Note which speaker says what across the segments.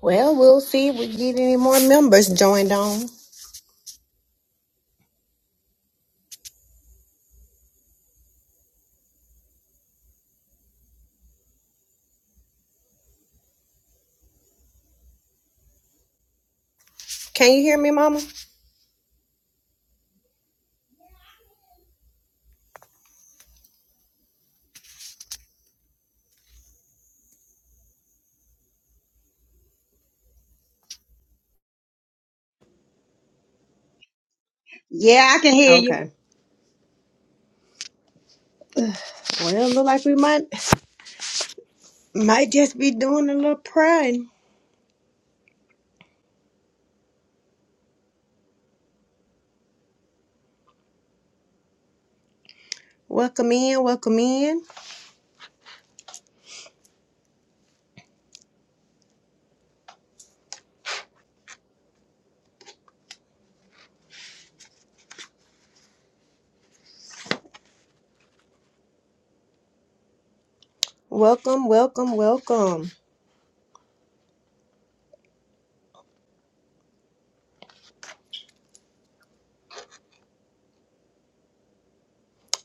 Speaker 1: Well, we'll see if we get any more members joined on. Can you hear me, Mama?
Speaker 2: Yeah, I can hear you.
Speaker 1: Okay. Well, look like we might might just be doing a little praying. Welcome in, welcome in, welcome, welcome, welcome,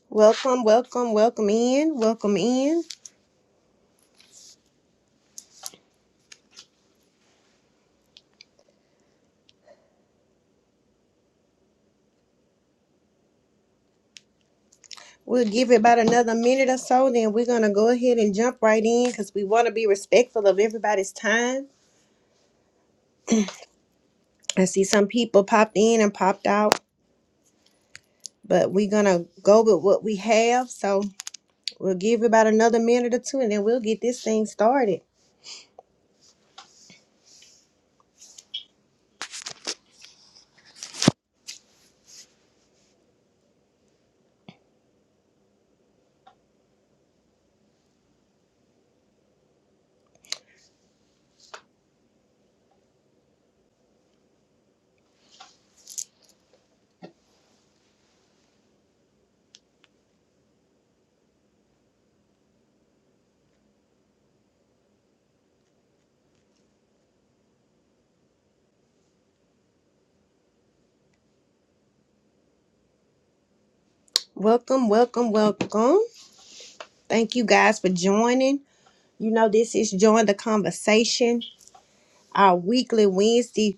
Speaker 1: welcome, welcome, welcome in, welcome in. We'll give it about another minute or so, then we're gonna go ahead and jump right in because we want to be respectful of everybody's time. I see some people popped in and popped out, but we're gonna go with what we have. So We'll give about another minute or two and then we'll get this thing started. Welcome, welcome, welcome. Thank you guys for joining. You know, this is Join the Conversation, our weekly Wednesday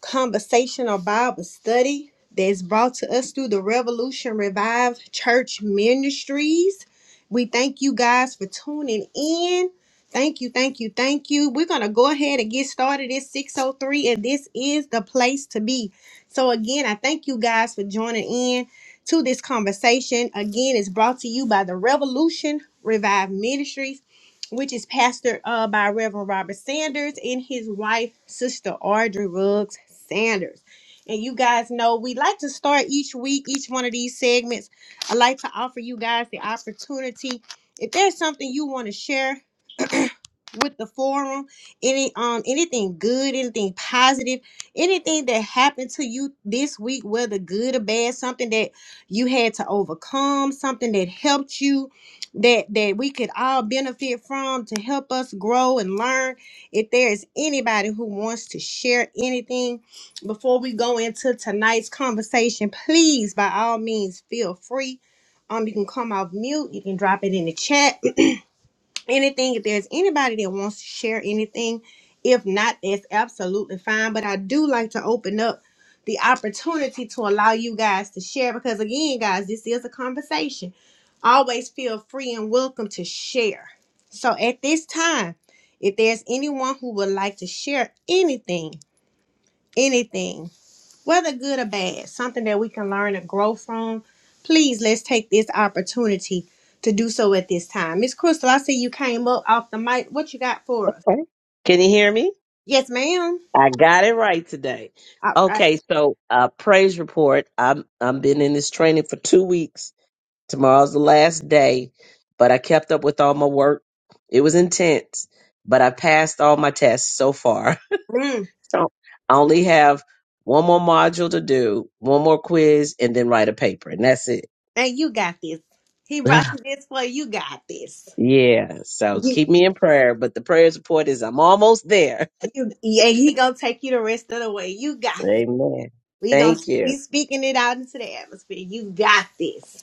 Speaker 1: conversation or Bible study that's brought to us through the Revolution Revive Church Ministries. We thank you guys for tuning in. Thank you, thank you, thank you. We're gonna go ahead and get started. It's 603, and this is the place to be. So again, I thank you guys for joining in to this conversation. Again, it's brought to you by the Revolution Revive Ministries which is pastored uh, by Reverend Robert Sanders and his wife, Sister Audrey Ruggs Sanders. And you guys know we like to start each week, each one of these segments. I like to offer you guys the opportunity. If there's something you want to share with the forum any um anything good anything positive anything that happened to you this week whether good or bad something that you had to overcome something that helped you that that we could all benefit from to help us grow and learn if there is anybody who wants to share anything before we go into tonight's conversation please by all means feel free um you can come off mute you can drop it in the chat anything. If there's anybody that wants to share anything, if not, that's absolutely fine. But I do like to open up the opportunity to allow you guys to share because, again, guys, this is a conversation. Always feel free and welcome to share. So at this time, if there's anyone who would like to share anything, anything, whether good or bad, something that we can learn and grow from. Please let's take this opportunity to do so at this time. Miss Crystal, I see you came up off the mic. What you got for us?
Speaker 3: Okay. Can you hear me?
Speaker 1: Yes, ma'am.
Speaker 3: I got it right today.
Speaker 1: All right.
Speaker 3: Okay, so uh, praise report. I'm I'm been in this training for two weeks. Tomorrow's the last day, but I kept up with all my work. It was intense, but I passed all my tests so far.
Speaker 1: Mm,
Speaker 3: So I only have one more module to do, one more quiz, and then write a paper, and that's it.
Speaker 1: and you got this. He brought you this way. You got this.
Speaker 3: yeah. So
Speaker 1: You,
Speaker 3: keep me in prayer. But the praise report is I'm almost there.
Speaker 1: you, yeah, he gonna take you the rest of the way. You got this.
Speaker 3: Amen.
Speaker 1: We gonna
Speaker 3: Thank
Speaker 1: we
Speaker 3: you.
Speaker 1: speaking it out into the atmosphere. You got this.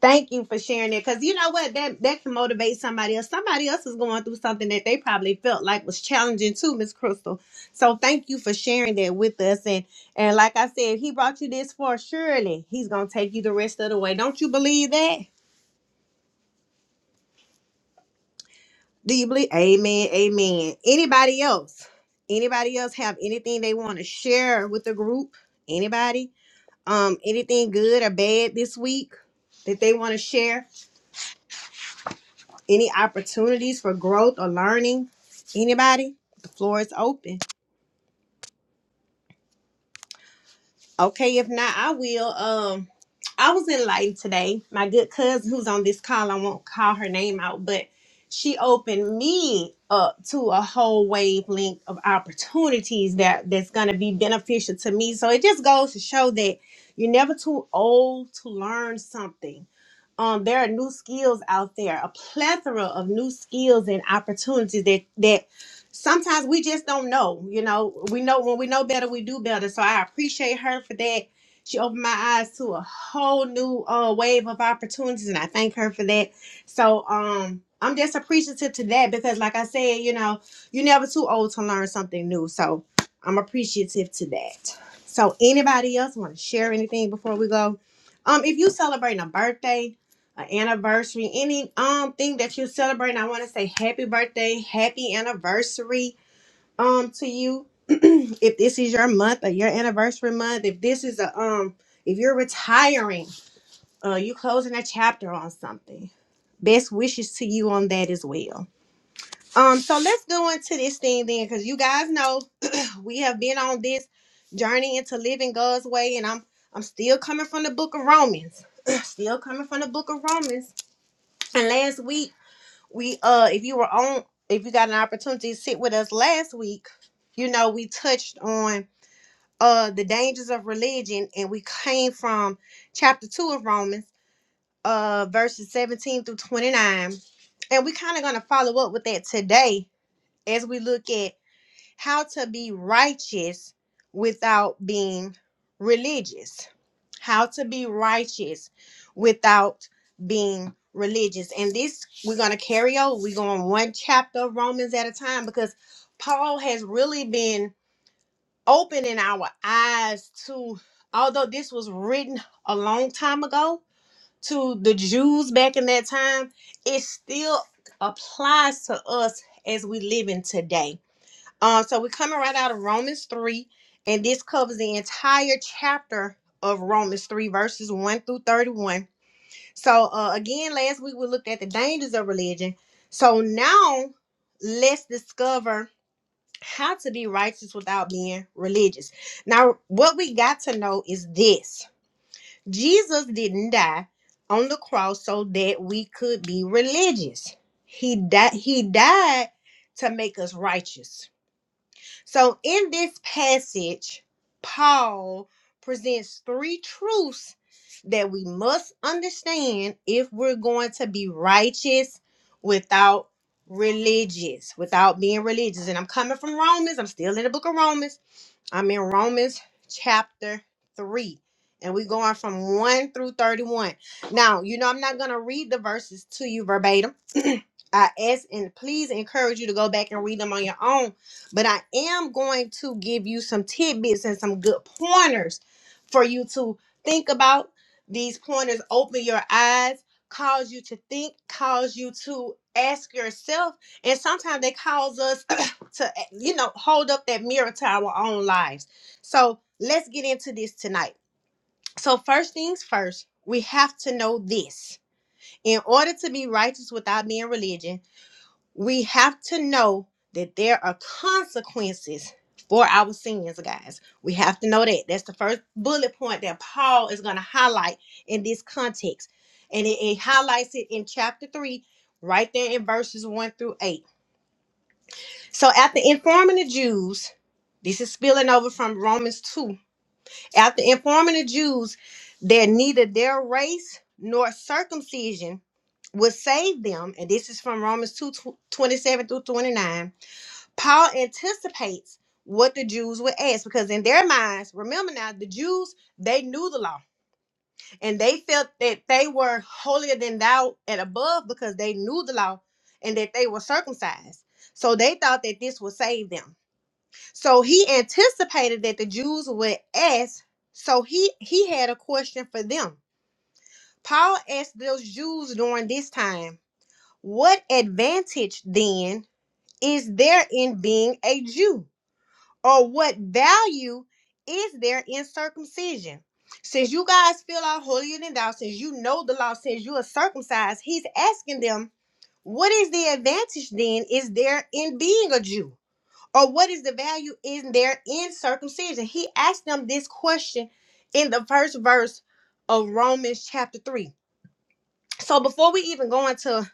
Speaker 1: Thank you for sharing it. Cause you know what? That that can motivate somebody else. Somebody else is going through something that they probably felt like was challenging too, Miss Crystal. So thank you for sharing that with us. And and like I said, he brought you this far. Surely he's gonna take you the rest of the way. Don't you believe that? Do you believe? Amen. Amen. Anybody else? Anybody else have anything they want to share with the group? Anybody? Um, anything good or bad this week that they want to share? Any opportunities for growth or learning? Anybody? The floor is open. Okay, if not, I will. Um, I was enlightened today. My good cousin who's on this call, I won't call her name out, but she opened me up to a whole wavelength of opportunities that that's going to be beneficial to me. So it just goes to show that you're never too old to learn something um, there are new skills out there, a plethora of new skills and opportunities that that sometimes we just don't know. You know, we know when we know better, we do better. So I appreciate her for that. She opened my eyes to a whole new uh, wave of opportunities, and I thank her for that. So um, I'm just appreciative to that because, like I said, you know, you're never too old to learn something new. So I'm appreciative to that. So anybody else want to share anything before we go? Um, if you celebrating a birthday, an anniversary, any um thing that you celebrate, I want to say happy birthday, happy anniversary um to you. if this is your month or your anniversary month, if this is a um if you're retiring, uh you closing a chapter on something. Best wishes to you on that as well. Um so let's go into this thing then cuz you guys know we have been on this journey into living God's way and I'm I'm still coming from the book of Romans. still coming from the book of Romans. And last week we uh if you were on if you got an opportunity to sit with us last week you know we touched on uh the dangers of religion and we came from chapter 2 of romans uh verses 17 through 29 and we are kind of going to follow up with that today as we look at how to be righteous without being religious. How to be righteous without being religious. And this we're going to carry over. We're going one chapter of Romans at a time because Paul has really been opening our eyes to, although this was written a long time ago to the Jews back in that time, it still applies to us as we live in today um, so we're coming right out of Romans 3, and this covers the entire chapter of Romans 3, verses 1 through 31. So, uh, again, last week we looked at the dangers of religion. So, now let's discover how to be righteous without being religious. Now, what we got to know is this Jesus didn't die on the cross so that we could be religious, He, died. he died to make us righteous so, in this passage, Paul presents three truths that we must understand if we're going to be righteous without religious, without being religious. And I'm coming from Romans, I'm still in the book of Romans. I'm in Romans chapter 3, and we're going from 1 through 31. Now, you know, I'm not going to read the verses to you verbatim. I ask and please encourage you to go back and read them on your own, but I am going to give you some tidbits and some good pointers for you to think about. These pointers open your eyes, cause you to think, cause you to ask yourself, and sometimes they cause us to eh, you know hold up that mirror to our own lives so let's get into this tonight so first things first we have to know this in order to be righteous without being religion we have to know that there are consequences for our sins guys we have to know that that's the first bullet point that paul is going to highlight in this context and it, it highlights it in chapter 3 right there in verses 1 through 8 so after informing the Jews, this is spilling over from Romans 2. After informing the Jews that neither their race nor circumcision would save them, and this is from Romans 2 tw- 27 through 29, Paul anticipates what the Jews would ask because in their minds, remember now, the Jews, they knew the law and they felt that they were holier than thou and above because they knew the law and that they were circumcised. So they thought that this would save them. So he anticipated that the Jews would ask, so he he had a question for them. Paul asked those Jews during this time, "What advantage then is there in being a Jew? Or what value is there in circumcision?" Since you guys feel all holier than thou, since you know the law says you are circumcised, he's asking them, "What is the advantage then is there in being a Jew?" or what is the value in there in circumcision? He asked them this question in the first verse of Romans chapter 3. So before we even go into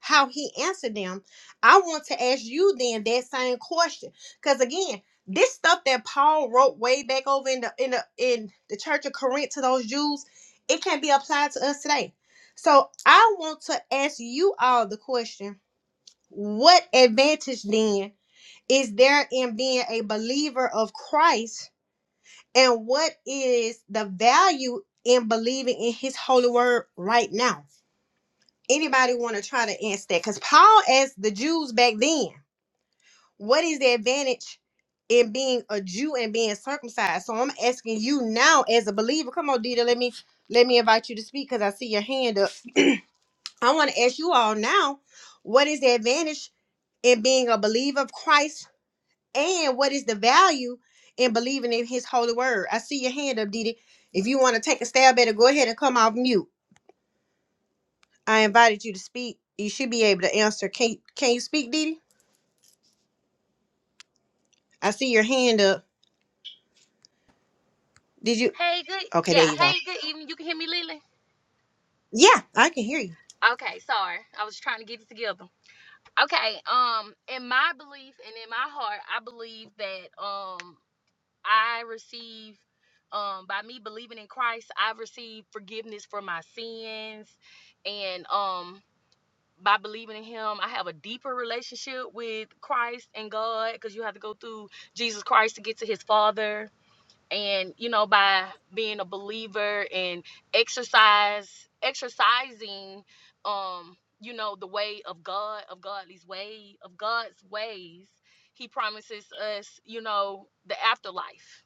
Speaker 1: how he answered them, I want to ask you then that same question. Because again, this stuff that Paul wrote way back over in the in the in the church of Corinth to those Jews, it can be applied to us today. So I want to ask you all the question, what advantage then is there in being a believer of Christ and what is the value in believing in his holy word right now? Anybody want to try to answer that? Because Paul asked the Jews back then, what is the advantage in being a Jew and being circumcised? So I'm asking you now as a believer. Come on, Dita, let me let me invite you to speak because I see your hand up. I want to ask you all now, what is the advantage in being a believer of Christ And what is the value in believing in his holy word? I see your hand up, Didi. If you want to take a stab at it, go ahead and come off mute. I invited you to speak. You should be able to answer. Can can you speak, Didi? I see your hand up. Did you?
Speaker 4: Hey, good.
Speaker 1: Okay, there
Speaker 4: Yeah.
Speaker 1: you go.
Speaker 4: Hey, good evening. You can hear me, Lily?
Speaker 1: Yeah, I can hear you.
Speaker 4: Okay. Sorry. I was trying to get it together. Okay. Um, in my belief and in my heart, I believe that um I receive um by me believing in Christ, I've received forgiveness for my sins and um by believing in him, I have a deeper relationship with Christ and God because you have to go through Jesus Christ to get to his father and you know by being a believer and exercise exercising um you know the way of god of godly's way of god's ways he promises us you know the afterlife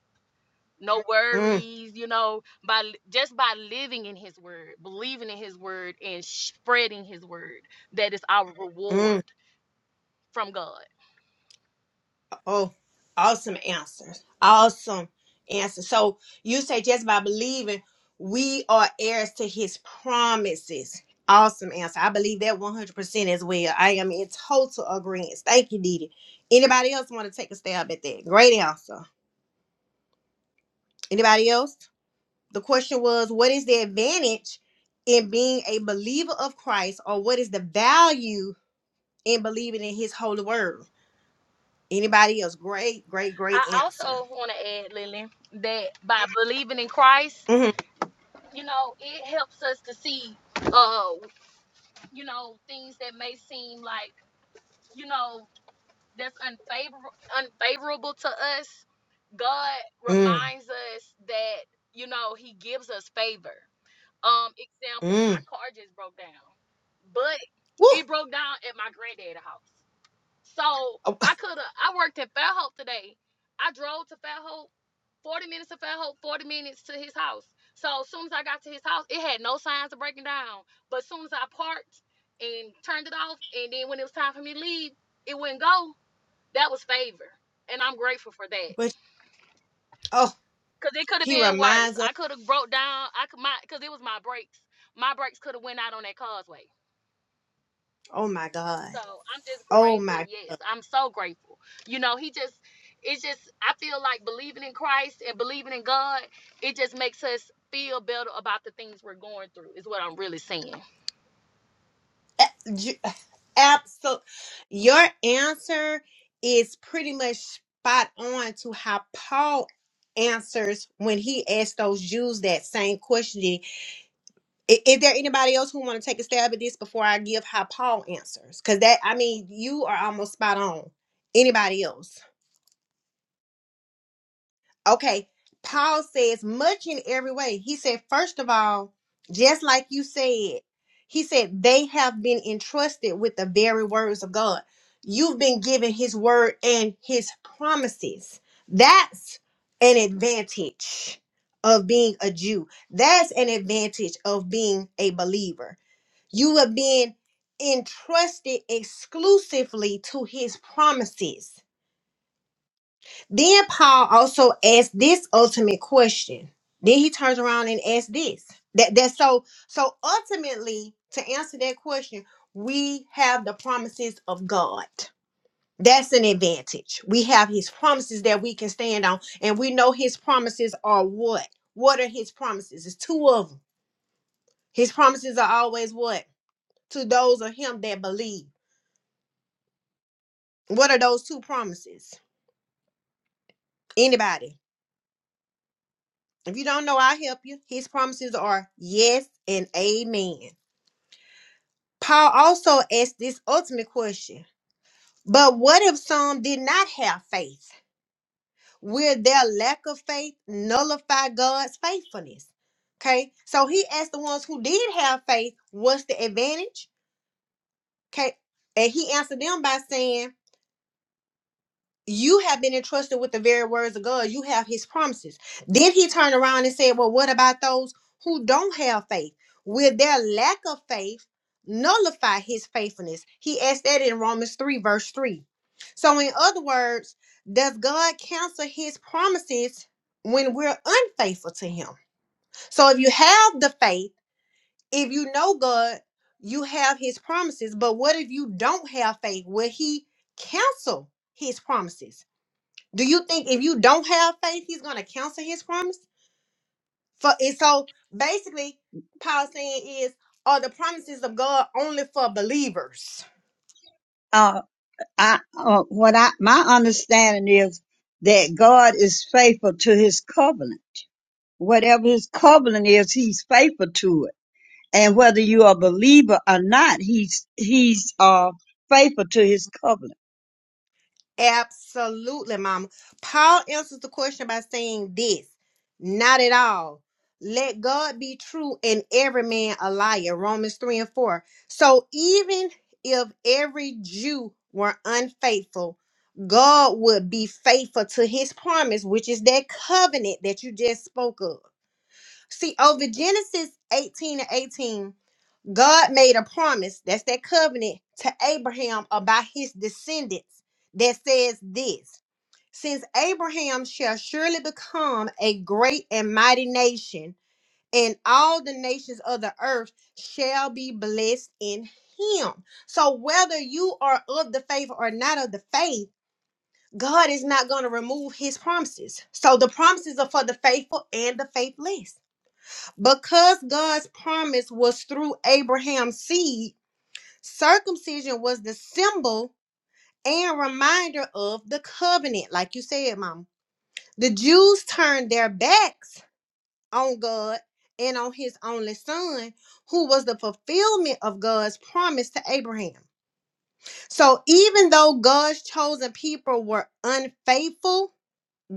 Speaker 4: no
Speaker 1: Mm,
Speaker 4: worries you know by li- just by living in his word believing in his word and spreading his word that is our
Speaker 1: mm.
Speaker 4: reward from god
Speaker 1: Oh, awesome answers. Awesome answers. So you say just by believing, we are heirs to his promises. Awesome answer. I believe that 100% as well. I am in total agreement. Thank you, Didi. Anybody else want to take a stab at that? Great answer. Anybody else? The question was, what is the advantage in being a believer of Christ or what is the value in believing in his holy word? Anybody else? Great, great, great
Speaker 4: i also
Speaker 1: answer.
Speaker 4: want to add lily that by believing in christ
Speaker 1: Mhm.
Speaker 4: you know, it helps us to see, uh, you know, things that may seem like, you know, that's unfavorable, unfavorable to us. God
Speaker 1: Mm.
Speaker 4: reminds us that, you know, He gives us favor. Um, example, my
Speaker 1: Mm.
Speaker 4: car just broke down, but
Speaker 1: Woo!
Speaker 4: it broke down at my granddad's house. So
Speaker 1: Oh,
Speaker 4: I could have. I worked at Fairhope today. I drove to Fairhope, forty minutes to Fairhope, forty minutes to his house. So as soon as I got to his house, it had no signs of breaking down. But as soon as I parked and turned it off, and then when it was time for me to leave, it wouldn't go. That was favor, and I'm grateful for that.
Speaker 1: but oh,
Speaker 4: Cause it could have
Speaker 1: he
Speaker 4: been worse.
Speaker 1: reminds us.
Speaker 4: I could have broke down. I could my because it was my brakes. My brakes could have went out on that causeway.
Speaker 1: Oh my God.
Speaker 4: So I'm just
Speaker 1: Oh
Speaker 4: grateful.
Speaker 1: my.
Speaker 4: Yes, I'm so grateful. You know, he just, it's just, I feel like believing in Christ and believing in God, it just makes us feel better about the things we're going through, is what I'm really saying.
Speaker 1: Absolutely. Your answer is pretty much spot on to how Paul answers when he asked those Jews that same question. I- Is, there anybody else who want to take a stab at this before I give how Paul answers? Because that, I mean, you are almost spot on. Anybody else? Okay, Paul says much in every way. He said, first of all, just like you said, he said they have been entrusted with the very words of God. You've been given his word and his promises. That's an advantage of being a Jew. That's an advantage of being a believer. You have been entrusted exclusively to his promises then Paul also asked this ultimate question. Then he turns around and asks this. That that so so ultimately to answer that question, we have the promises of God. That's an advantage. We have his promises that we can stand on, and we know his promises are what? What are his promises? It's two of them. His promises are always what? To those of him that believe. What are those two promises? Anybody? If you don't know, I'll help you. His promises are yes and amen. Paul also asked this ultimate question But what if some did not have faith? Will their lack of faith nullify God's faithfulness? Okay, so he asked the ones who did have faith, What's the advantage? Okay, and he answered them by saying, you have been entrusted with the very words of God. You have his promises. Then he turned around and said, Well, what about those who don't have faith? Will their lack of faith nullify his faithfulness? He asked that in Romans 3, verse 3. So, in other words, does God cancel his promises when we're unfaithful to him? So, if you have the faith, if you know God, you have his promises. But what if you don't have faith? Will he cancel his promises? Do you think if you don't have faith, he's gonna cancel his promise? For and so basically, Paul saying is are the promises of God only for believers?
Speaker 2: Uh, I, uh, what I, my understanding is that God is faithful to his covenant. Whatever his covenant is, he's faithful to it. And whether you are a believer or not, he's, he's, uh, faithful to his covenant.
Speaker 1: Absolutely, Mama. Paul answers the question by saying this Not at all. Let God be true and every man a liar. Romans 3 and 4. So even if every Jew were unfaithful, God would be faithful to his promise, which is that covenant that you just spoke of. See, over Genesis 18 and 18. God made a promise, that's that covenant, to Abraham about his descendants that says this Since Abraham shall surely become a great and mighty nation, and all the nations of the earth shall be blessed in him. So, whether you are of the faith or not of the faith, God is not going to remove his promises. So, the promises are for the faithful and the faithless. Because God's promise was through Abraham's seed Circumcision was the symbol and reminder of the covenant, like you said, Mom. The Jews turned their backs on God and on his only son, who was the fulfillment of God's promise to Abraham. So even though God's chosen people were unfaithful,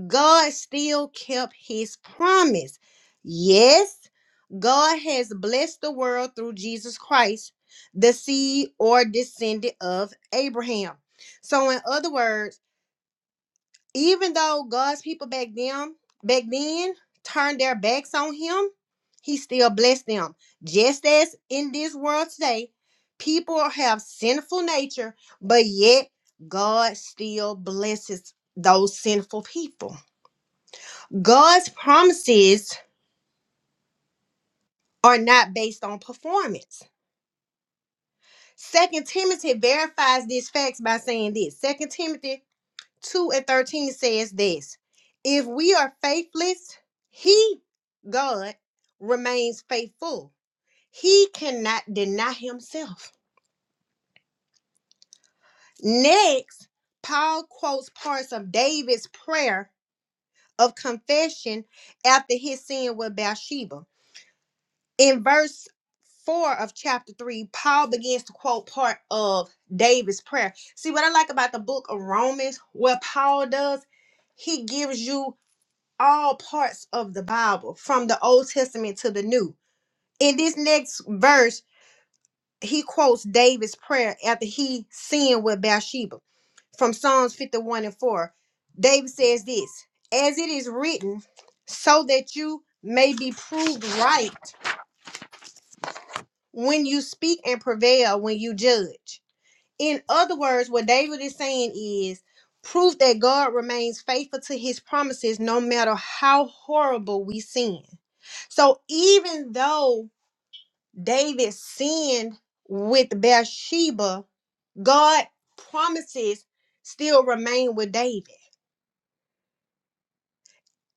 Speaker 1: God still kept his promise. Yes, God has blessed the world through Jesus Christ, the seed or descendant of Abraham. So, in other words, even though God's people back then, back then turned their backs on him, he still blessed them. Just as in this world today, people have sinful nature, but yet God still blesses those sinful people. God's promises are not based on performance. Second Timothy verifies these facts by saying this. Second Timothy 2 and 13 says this. If we are faithless, he, God, remains faithful. He cannot deny himself. Next, Paul quotes parts of David's prayer of confession after his sin with Bathsheba. in verse 4 of chapter 3 paul begins to quote part of david's prayer see what i like about the book of romans what paul does he gives you all parts of the bible from the old testament to the new in this next verse he quotes david's prayer after he sinned with bathsheba from psalms 51 and 4 david says this as it is written so that you may be proved right when you speak and prevail when you judge. In other words, what David is saying is proof that God remains faithful to his promises no matter how horrible we sin. So even though David sinned with Bathsheba, God promises still remain with David.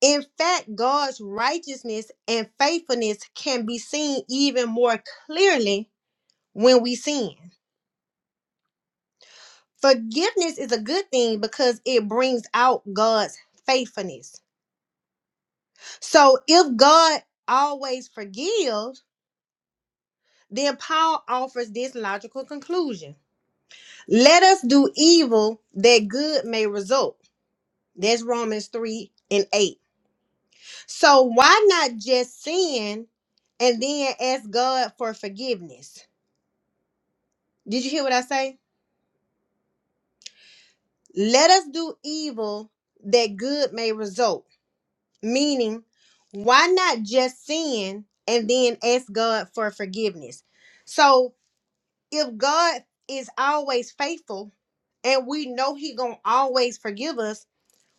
Speaker 1: In fact, God's righteousness and faithfulness can be seen even more clearly when we sin. Forgiveness is a good thing because it brings out God's faithfulness. So if God always forgives, then Paul offers this logical conclusion. Let us do evil that good may result. That's Romans 3 and 8. So why not just sin and then ask God for forgiveness? Did you hear what I say? Let us do evil that good may result. Meaning, why not just sin and then ask God for forgiveness? So if God is always faithful and we know He gonna always forgive us,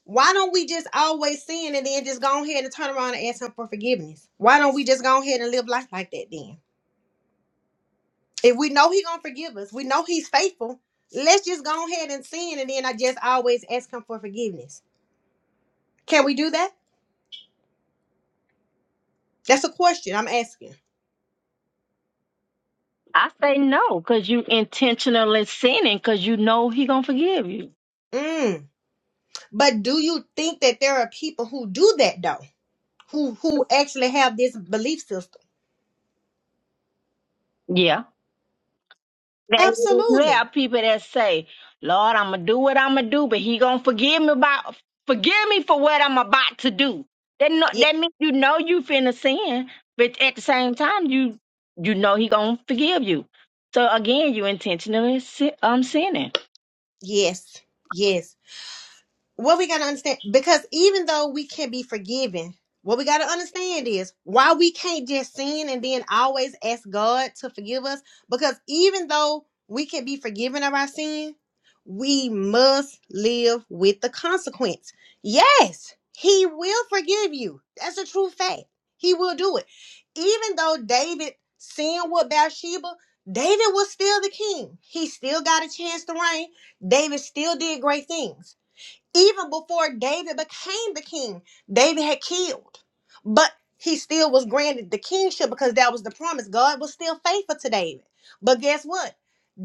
Speaker 1: why don't we just always sin and then just go ahead and turn around and ask Him for forgiveness? Why don't we just go ahead and live life like that then? If we know He gonna forgive us, we know He's faithful. Let's just go ahead and sin and then I just always ask Him for forgiveness. Can we do that? That's a question I'm asking.
Speaker 5: I say no, because you intentionally sinning, because you know he gonna forgive you.
Speaker 1: Mm. But do you think that there are people who do that though? Who who actually have this belief system?
Speaker 5: Yeah. There there
Speaker 1: Absolutely.
Speaker 5: are people that say, Lord, I'm gonna do what I'm gonna do, but he gonna forgive me about forgive me for what I'm about to do. That no,
Speaker 1: Yes,
Speaker 5: that means you know you finna sin, but at the same time you you know he gonna forgive you. So again, you intentionally sin, um sinning.
Speaker 1: yes, yes. what we got to understand because even though we can be forgiven what we got to understand is why we can't just sin and then always ask god to forgive us because even though we can be forgiven of our sin we must live with the consequence yes he will forgive you that's a true fact he will do it even though david sinned with bathsheba david was still the king he still got a chance to reign david still did great things even before David became the king, David had killed, but he still was granted the kingship because that was the promise. God was still faithful to David. But guess what?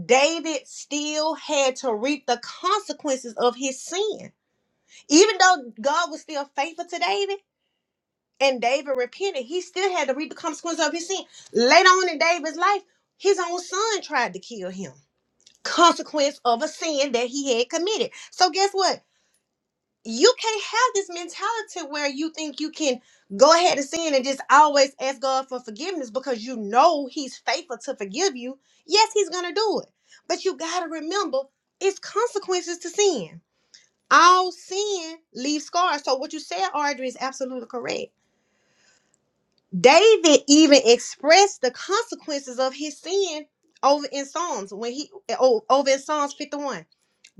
Speaker 1: David still had to reap the consequences of his sin. Even though God was still faithful to David and David repented, he still had to reap the consequences of his sin. Later on in David's life, his own son tried to kill him. Consequence of a sin that he had committed. So, guess what? you can't have this mentality where you think you can go ahead and sin and just always ask God for forgiveness because you know He's faithful to forgive you. Yes, He's going to do it. But you got to remember it's consequences to sin. All sin leaves scars. So, what you said, Audrey, is absolutely correct. David even expressed the consequences of his sin over in Psalms when he o- over in Psalms 51.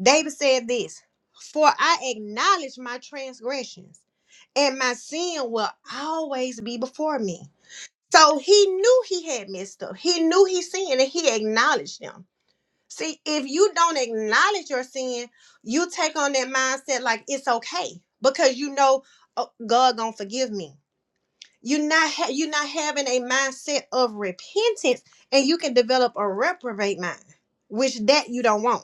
Speaker 1: David said this For I acknowledge my transgressions, and my sin will always be before me. So he knew he had messed up. He knew he sinned and he acknowledged them. See, if you don't acknowledge your sin, you take on that mindset like it's okay because you know "Oh, God gonna forgive me. You're not ha- you're not having a mindset of repentance, and you can develop a reprobate mind, which that you don't want.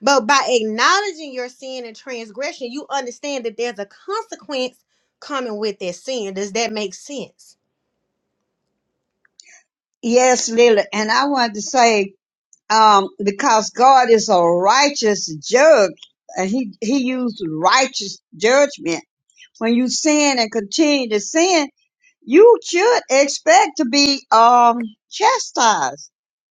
Speaker 1: But by acknowledging your sin and transgression, you understand that there's a consequence coming with that sin. Does that make sense?
Speaker 2: Yes, Lily. And I wanted to say, um, because God is a righteous judge and he, he used righteous judgment. When you sin and continue to sin, you should expect to be um chastised.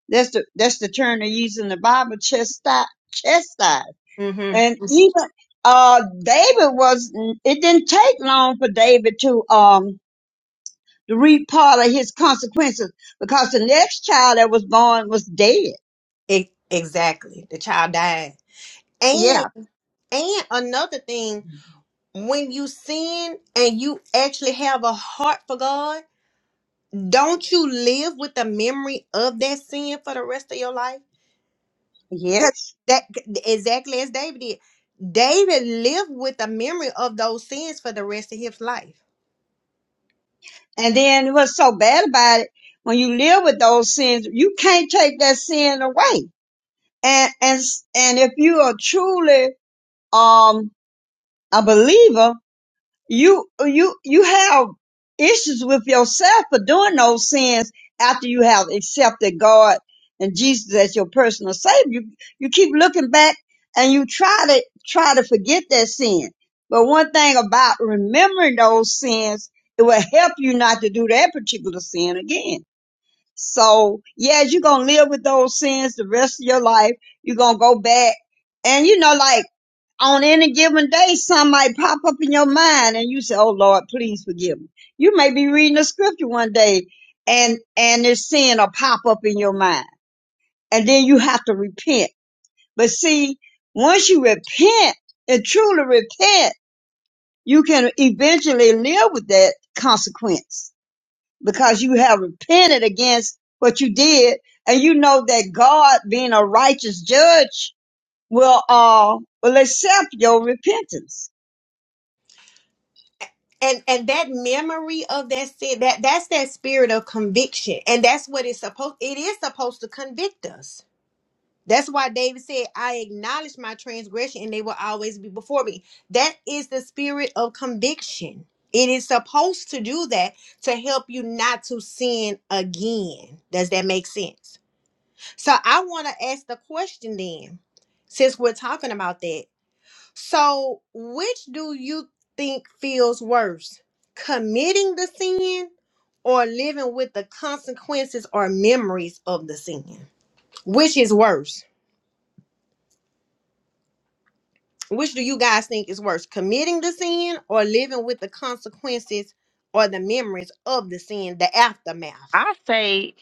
Speaker 2: That's the that's the term they use in the Bible, chastise, chastise.
Speaker 1: Mm-hmm.
Speaker 2: And even uh David was it didn't take long for David to um to reap part of his consequences because the next child that was born was dead.
Speaker 1: E- exactly. The child died. And
Speaker 2: Yeah,
Speaker 1: and another thing, when you sin and you actually have a heart for God, don't you live with the memory of that sin for the rest of your life? Because
Speaker 2: yes.
Speaker 1: that exactly as David did. David lived with the memory of those sins for the rest of his life.
Speaker 2: And then what's so bad about it, when you live with those sins, you can't take that sin away. And and and if you are truly um a believer, you you you have issues with yourself for doing those sins after you have accepted God and Jesus as your personal savior. You, you keep looking back and you try to try to forget that sin. But one thing about remembering those sins, it will help you not to do that particular sin again. So yeah, you're gonna live with those sins the rest of your life. You're gonna go back and you know like on any given day, some might pop up in your mind and you say, Oh Lord, please forgive me. You may be reading a scripture one day and, and this sin will pop up in your mind and then you have to repent. But see, once you repent and truly repent, you can eventually live with that consequence because you have repented against what you did and you know that God being a righteous judge will, uh, will accept your repentance.
Speaker 1: and and that memory of that sin that that's that spirit of conviction and that's what it's supposed it is supposed to convict us that's why david said i acknowledge my transgression and they will always be before me that is the spirit of conviction it is supposed to do that to help you not to sin again does that make sense so i want to ask the question then since we're talking about that so, which do you think feels worse? Committing the sin or living with the consequences or memories of the sin? Which is worse? Which do you guys think is worse? Committing the sin or living with the consequences or the memories of the sin, the aftermath?
Speaker 5: I say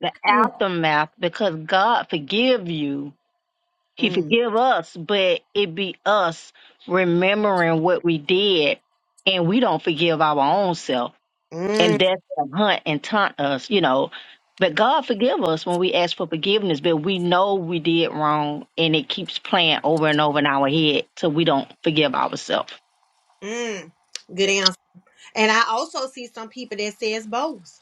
Speaker 5: the aftermath because God forgive you He
Speaker 1: Mm,
Speaker 5: forgive us, but it be us remembering what we did and we don't forgive our own self. And
Speaker 1: mm,
Speaker 5: that's what hunt and taunt us, you know. But God forgive us when we ask for forgiveness, but we know we did wrong and it keeps playing over and over in our head till we don't forgive ourselves.
Speaker 1: mm. Good answer. And I also see some people that says both.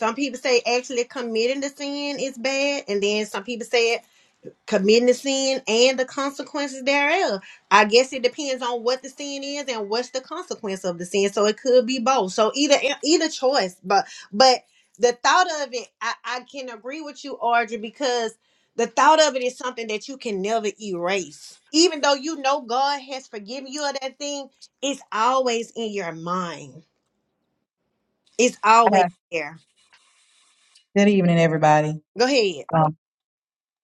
Speaker 1: Some people say actually committing the sin is bad, and then some people say committing the sin and the consequences thereof. I guess it depends on what the sin is and what's the consequence of the sin. So it could be both. So either e, either choice, but but the thought of it, I, I can agree with you, Audrey, because the thought of it is something that you can never erase. Even though you know God has forgiven you of that thing, it's always in your mind. It's always
Speaker 6: Uh,
Speaker 1: there.
Speaker 6: Good evening, everybody.
Speaker 1: Go ahead.
Speaker 6: Um,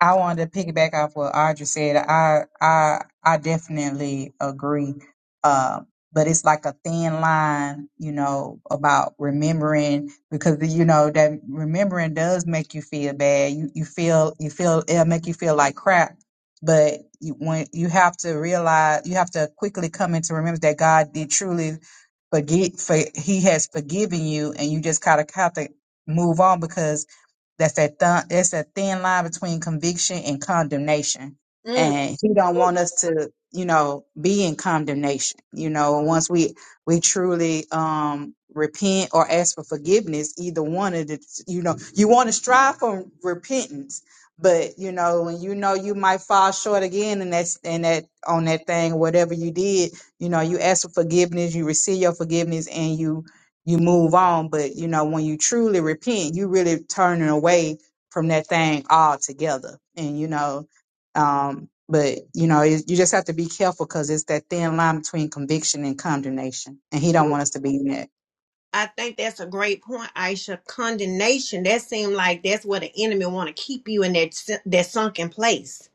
Speaker 6: I wanted to piggyback off what Audra said. I I I definitely agree. Uh, but it's like a thin line, you know, about remembering because you know that remembering does make you feel bad. You you feel you feel it'll make you feel like crap. But you, when you have to realize, you have to quickly come into remembrance that God did truly forget. For He has forgiven you, and you just kind of have to move on because That's that th- that's that thin line between conviction and condemnation.
Speaker 1: Mm.
Speaker 6: And he don't want us to, you know, be in condemnation. You know, once we we truly um repent or ask for forgiveness, either one of the you know, you want to strive for repentance, but you know, when you know you might fall short again and that's and that on that thing, whatever you did, you know, you ask for forgiveness, you receive your forgiveness and you you move on. But you know, when you truly repent, you really turning away from that thing altogether. And you know, um, but you know, it, you just have to be careful because it's that thin line between conviction and condemnation, and he don't want us to be in that.
Speaker 1: I think that's a great point, Aisha. Condemnation, that seems like that's where the enemy want to keep you in that s- that sunken place.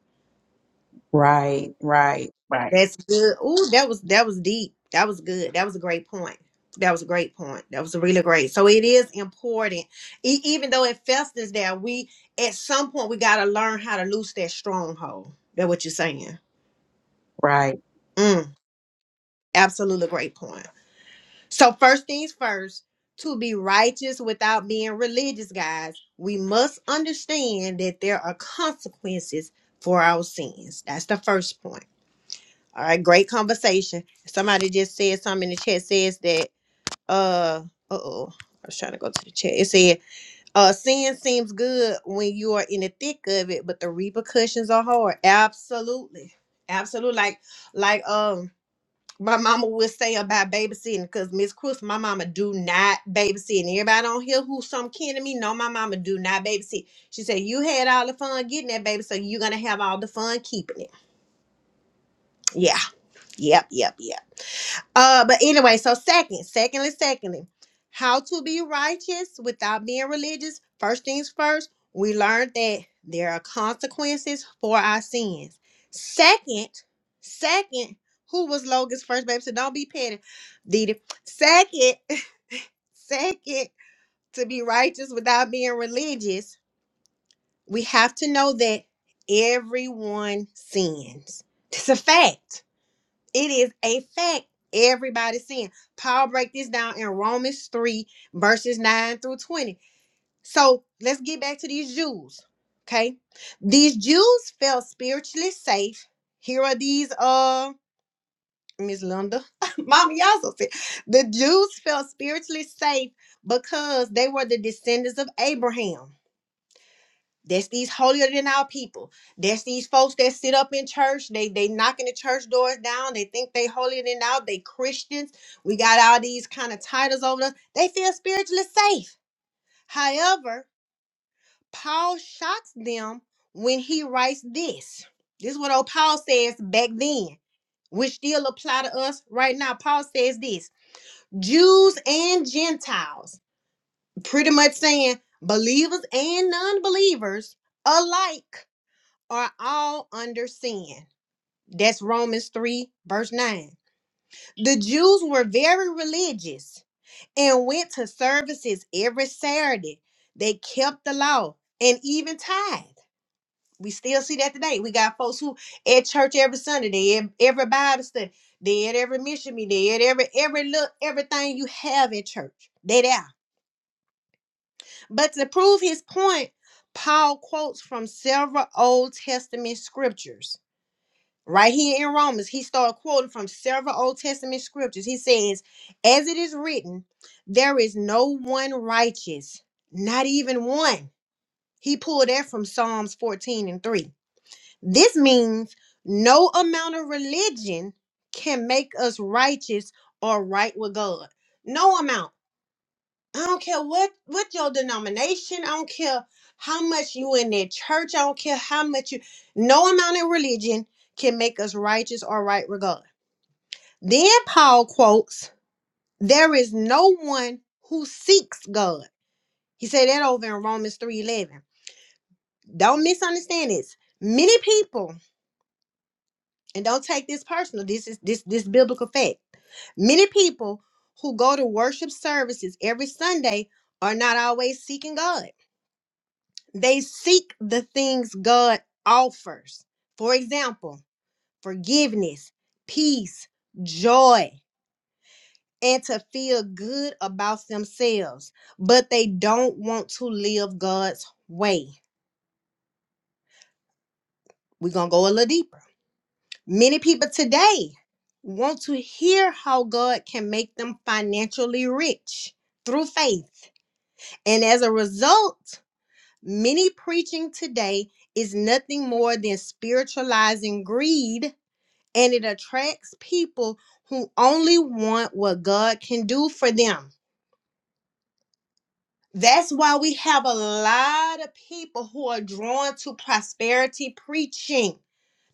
Speaker 6: Right, right,
Speaker 1: That's good. Ooh, that was that was deep. That was good. That was a great point. That was a great point. That was really great. So it is important, e- even though it festers there. We at some point we got to learn how to loose that stronghold. That what you're saying.
Speaker 6: right.
Speaker 1: Mm, absolutely great point. So first things first, to be righteous without being religious, guys, we must understand that there are consequences for our sins. That's the first point. All right, great conversation. Somebody just said something in the chat says that uh uh oh. I was trying to go to the chat. It said, uh, sin seems good when you are in the thick of it, but the repercussions are hard. Absolutely. Absolutely. Like, like, um, my mama would say about babysitting because Miss Chris, my mama do not babysit. And everybody on here who's some kin to me know my mama do not babysit. She said, You had all the fun getting that baby, so you're gonna have all the fun keeping it. Yeah, yep, yep, yep. Uh, but anyway, so second, secondly, secondly, how to be righteous without being religious. First things first, we learned that there are consequences for our sins. Second, second, who was Logan's first baby? So don't be petty, Didi. Second, second, to be righteous without being religious, we have to know that everyone sins. It's a fact it is a fact. Everybody's sin. Paul break this down in Romans 3, verses 9 through 20. So let's get back to these Jews. Okay. These Jews felt spiritually safe. Here are these uh Miss Linda. Mama, y'all so sick. The Jews felt spiritually safe because they were the descendants of Abraham. That's these holier than our people. That's these folks that sit up in church. They they knocking the church doors down. They think they holier than thou. They Christians. We got all these kind of titles over us. They feel spiritually safe. However, Paul shocks them when he writes this. This is what old Paul says back then, which still apply to us right now. Paul says this: Jews and Gentiles, pretty much saying believers and non-believers alike are all under sin. That's Romans 3, verse 9. The Jews were very religious and went to services every Saturday. They kept the law and even tithe. We still see that today. We got folks who at church every Sunday, they at every Bible study, they at every mission meeting, they at every every look, everything you have at church. They there. But to prove his point, Paul quotes from several Old Testament scriptures. right here in Romans, he started quoting from several Old Testament scriptures. He says, As it is written, there is no one righteous, not even one. He pulled that from Psalms 14 and 3. This means no amount of religion can make us righteous or right with God. No amount. I don't care what what your denomination. I don't care how much you in that church. I don't care how much you. No amount of religion can make us righteous or right with God. Then Paul quotes, "There is no one who seeks God." He said that over in Romans three eleven. Don't misunderstand this. Many people, and don't take this personal. This is this this biblical fact. Many people who go to worship services every Sunday are not always seeking God. They seek the things God offers. For example, forgiveness, peace, joy, and to feel good about themselves, but they don't want to live God's way. We're going to go a little deeper. Many people today want to hear how God can make them financially rich through faith. And as a result, many preaching today is nothing more than spiritualizing greed and it attracts people who only want what God can do for them. That's why we have a lot of people who are drawn to prosperity preaching.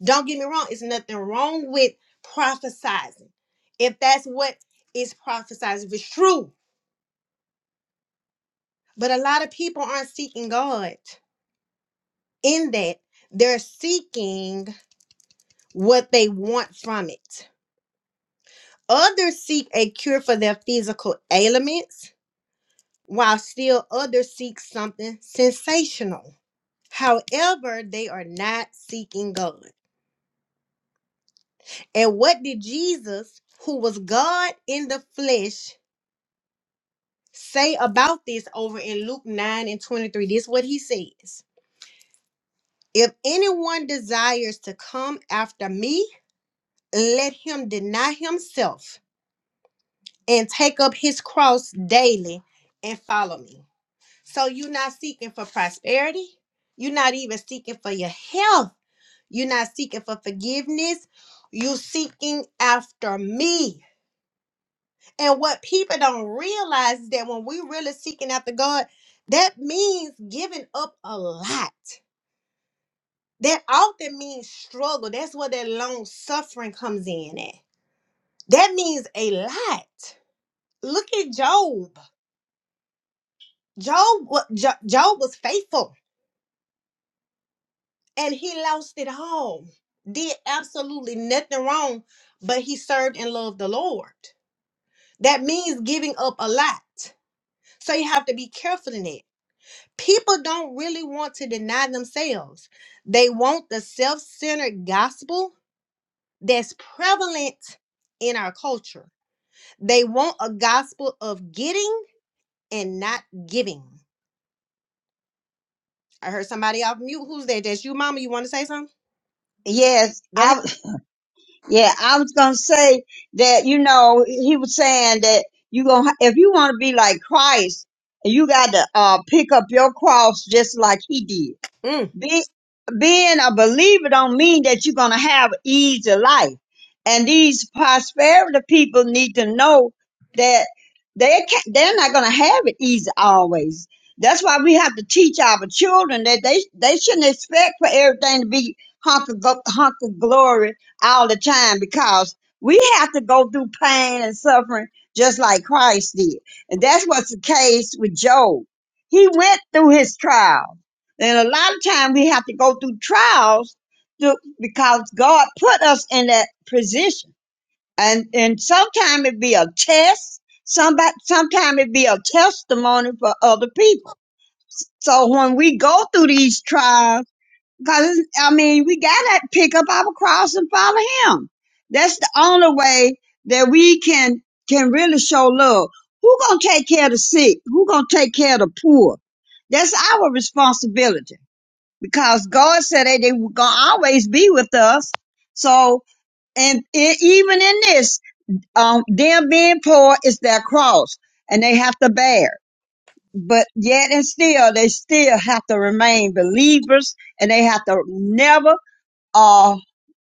Speaker 1: Don't get me wrong, it's nothing wrong with prophesizing. If that's what is prophesized, if it's true. But a lot of people aren't seeking God in that. They're seeking what they want from it. Others seek a cure for their physical ailments while still others seek something sensational. However, they are not seeking God. And what did Jesus, who was God in the flesh, say about this over in Luke 9 and 23? This is what he says If anyone desires to come after me, let him deny himself and take up his cross daily and follow me. So you're not seeking for prosperity. You're not even seeking for your health You're not seeking for forgiveness. You're seeking after me. And what people don't realize is that when we really seeking after God, that means giving up a lot. That often means struggle. That's where that long suffering comes in at. That means a lot. Look at Job. Job, wa- Jo- Job was faithful and he lost it all. Did absolutely nothing wrong, but he served and loved the Lord. That means giving up a lot. So you have to be careful in it. People don't really want to deny themselves. They want the self-centered gospel that's prevalent in our culture. They want a gospel of getting and not giving. I heard somebody off mute. Who's that? That's you, mama. You want to say something?
Speaker 2: Yes,
Speaker 1: Go ahead.
Speaker 2: I yeah, I was gonna say that you know he was saying that you gonna if you want to be like Christ, you got to uh pick up your cross just like he did.
Speaker 1: Mm,
Speaker 2: Be, being a believer don't mean that you're gonna have easy life. And these prosperity people need to know that they can't, they're not gonna have it easy always. That's why we have to teach our children that they they shouldn't expect for everything to be hunk of, go- hunk of glory all the time because we have to go through pain and suffering just like Christ did. And that's what's the case with Job. He went through his trials. And a lot of time we have to go through trials to, because God put us in that position. And and sometimes it be a test. Somebody sometimes it be a testimony for other people. So when we go through these trials, because I mean we gotta pick up our cross and follow Him. That's the only way that we can can really show love. Who gonna take care of the sick? Who gonna take care of the poor? That's our responsibility because God said that they were going to always be with us. So, and e- even in this, um, them being poor is their cross and they have to bear. it. But yet and still, they still have to remain believers and they have to never or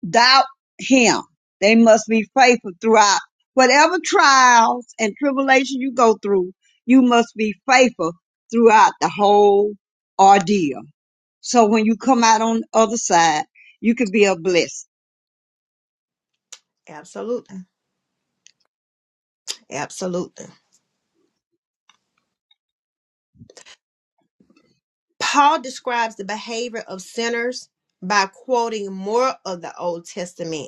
Speaker 2: doubt him. They must be faithful throughout whatever trials and tribulation you go through. You must be faithful throughout the whole ordeal. So when you come out on the other side, you could be a blessing.
Speaker 1: absolutely. Absolutely. Paul describes the behavior of sinners by quoting more of the Old Testament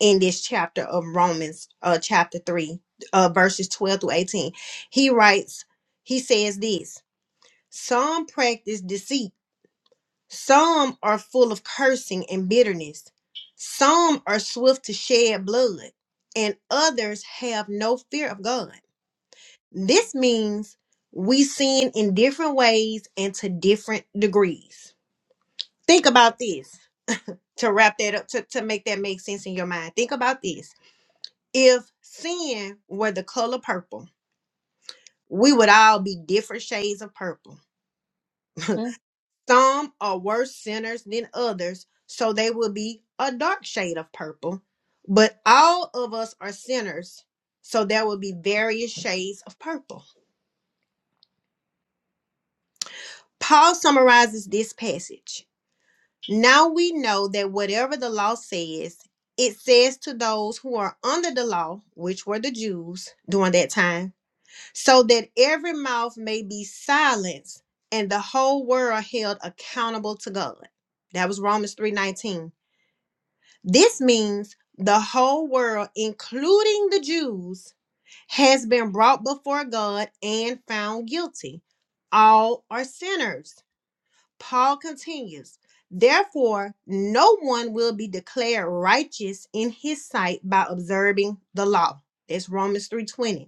Speaker 1: in this chapter of Romans, uh, chapter 3, uh, verses 12 through 18. He writes, he says this Some practice deceit, some are full of cursing and bitterness, some are swift to shed blood, and others have no fear of God. This means we sin in different ways and to different degrees. Think about this to wrap that up, to, to make that make sense in your mind. Think about this If sin were the color purple, we would all be different shades of purple.
Speaker 2: Hmm?
Speaker 1: Some are worse sinners than others, so they would be a dark shade of purple. But all of us are sinners, so there will be various shades of purple. Paul summarizes this passage. Now we know that whatever the law says, it says to those who are under the law, which were the Jews during that time so that every mouth may be silenced and the whole world held accountable to God. That was Romans 3:19. This means the whole world, including the Jews, has been brought before God and found guilty. All are sinners. Paul continues, therefore, no one will be declared righteous in his sight by observing the law. That's Romans 3:20.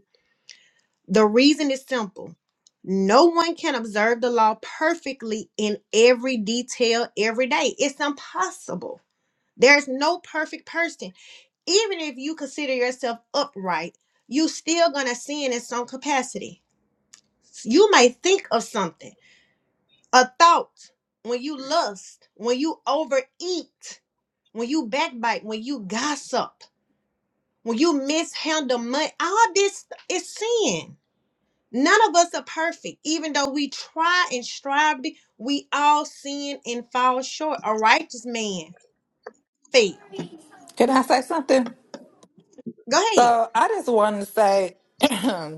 Speaker 1: The reason is simple. No one can observe the law perfectly in every detail every day. It's impossible. There's no perfect person. Even if you consider yourself upright, you still going to sin in some capacity. You may think of something, a thought, when you lust, when you overeat, when you backbite, when you gossip, when you mishandle money. All this is sin None of us are perfect, even though we try and strive to be. We all sin and fall short. A righteous man fail.
Speaker 7: Can I say something?
Speaker 1: Go ahead.
Speaker 7: So I just wanted to say,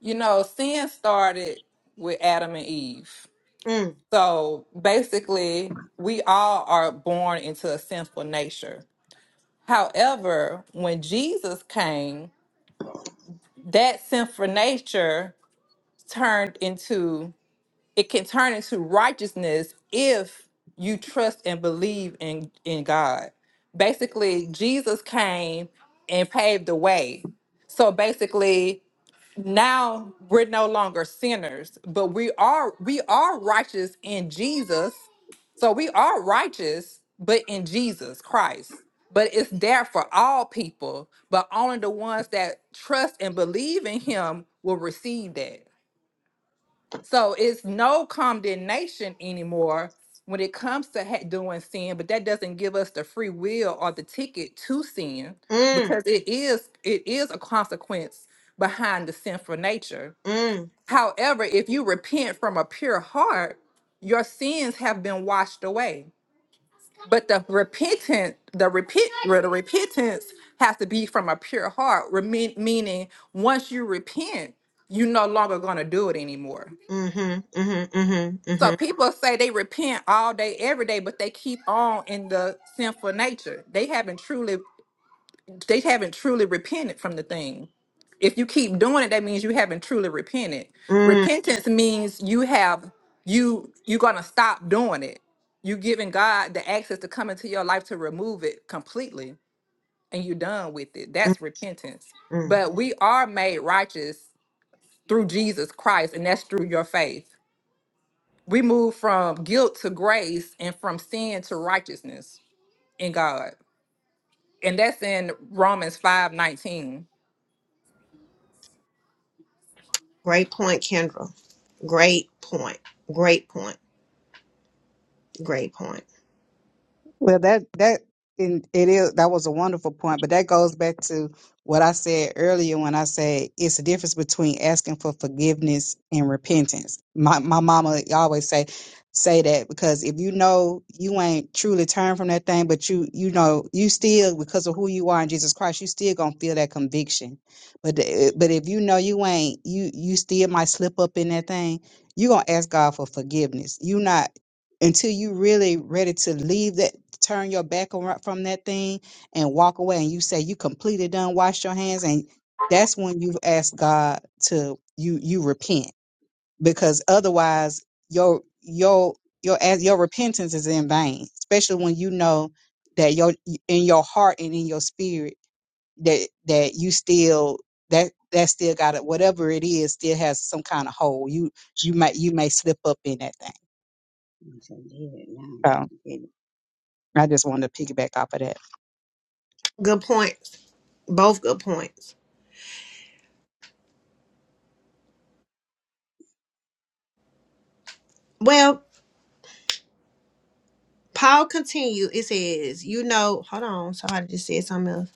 Speaker 7: you know, sin started with Adam and Eve.
Speaker 1: Mm,
Speaker 7: So basically, we all are born into a sinful nature. However, when Jesus came, that sinful nature turned into it can turn into righteousness if you trust and believe in in God. Basically, Jesus came and paved the way. So basically, now we're no longer sinners, but we are we are righteous in Jesus. So we are righteous, but in Jesus Christ. But it's there for all people, but only the ones that trust and believe in him will receive that. So it's no condemnation anymore when it comes to ha- doing sin, but that doesn't give us the free will or the ticket to sin
Speaker 1: mm,
Speaker 7: because it is it is a consequence behind the sinful nature.
Speaker 1: mm,
Speaker 7: However, if you repent from a pure heart, your sins have been washed away. But the repentant, the repent, well, the repentance has to be from a pure heart, remen- meaning once you repent, you're no longer going to do it anymore.
Speaker 1: mm-hmm, mm-hmm, mm-hmm,
Speaker 7: So
Speaker 1: mm-hmm,
Speaker 7: people say they repent all day, every day, but they keep on in the sinful nature. They haven't truly, they haven't truly repented from the thing. If you keep doing it, that means you haven't truly repented.
Speaker 1: mm,
Speaker 7: Repentance means you have you you're gonna stop doing it. You giving God the access to come into your life to remove it completely, and you're done with it.
Speaker 1: mm,
Speaker 7: That's repentance.
Speaker 1: mm.
Speaker 7: But we are made righteous through Jesus Christ, and that's through your faith we move from guilt to grace and from sin to righteousness in God. And that's in Romans 5 19.
Speaker 1: Great point, Kendra. Great point. Great point. Great point.
Speaker 6: Well, that that and it is that was a wonderful point, but that goes back to what I said earlier when I said it's the difference between asking for forgiveness and repentance. My my mama always say say that because if you know you ain't truly turned from that thing, but you you know you still because of who you are in Jesus Christ, you still gonna feel that conviction. But the- but if you know you ain't you you still might slip up in that thing, you gonna ask God for forgiveness. You not until you really ready to leave that turn your back around from that thing and walk away and you say you completely done wash your hands and that's when you've asked god to you you repent because otherwise your your your as your repentance is in vain especially when you know that your in your heart and in your spirit that that you still that that still got it whatever it is still has some kind of hole you you might you may slip up in that thing So I just wanted to piggyback off of that.
Speaker 1: Good points. Both good points. Well, Paul continued. It says, you know, hold on. Somebody just said something else.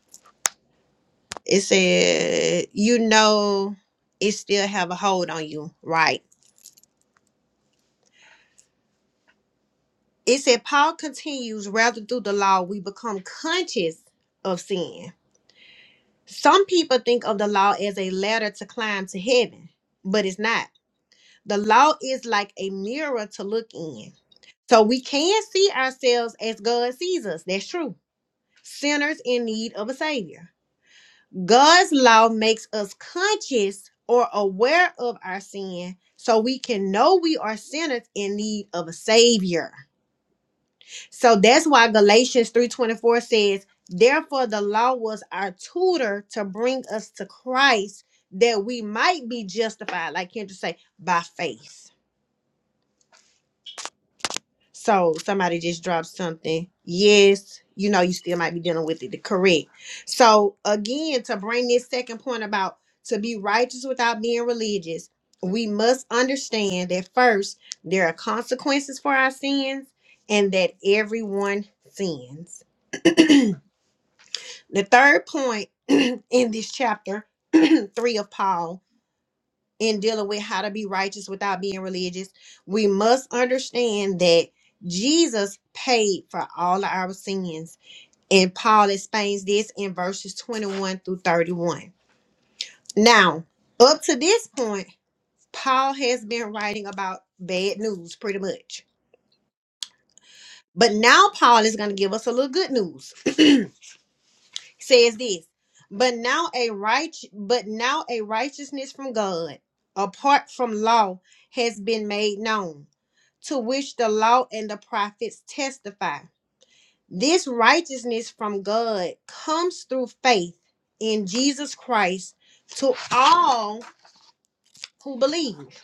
Speaker 1: It said, you know, it still have a hold on you, right? It said, Paul continues, rather through the law, we become conscious of sin. Some people think of the law as a ladder to climb to heaven, but it's not. The law is like a mirror to look in. So we can see ourselves as God sees us. That's true. Sinners in need of a savior. God's law makes us conscious or aware of our sin so we can know we are sinners in need of a savior. So that's why Galatians 3:24 says, "Therefore the law was our tutor to bring us to Christ that we might be justified like Kendra say by faith." So somebody just dropped something. Yes, you know, you still might be dealing with it. Correct. So again, to bring this second point about to be righteous without being religious, we must understand that first there are consequences for our sins and that everyone sins. The third point in this chapter three of Paul in dealing with how to be righteous without being religious, we must understand that Jesus paid for all of our sins. And Paul explains this in verses 21 through 31. Now, up to this point, Paul has been writing about bad news pretty much. But now Paul is going to give us a little good news. Says this, but now a right but now a righteousness from God apart from law has been made known to which the law and the prophets testify. This righteousness from God comes through faith in Jesus Christ to all who believe.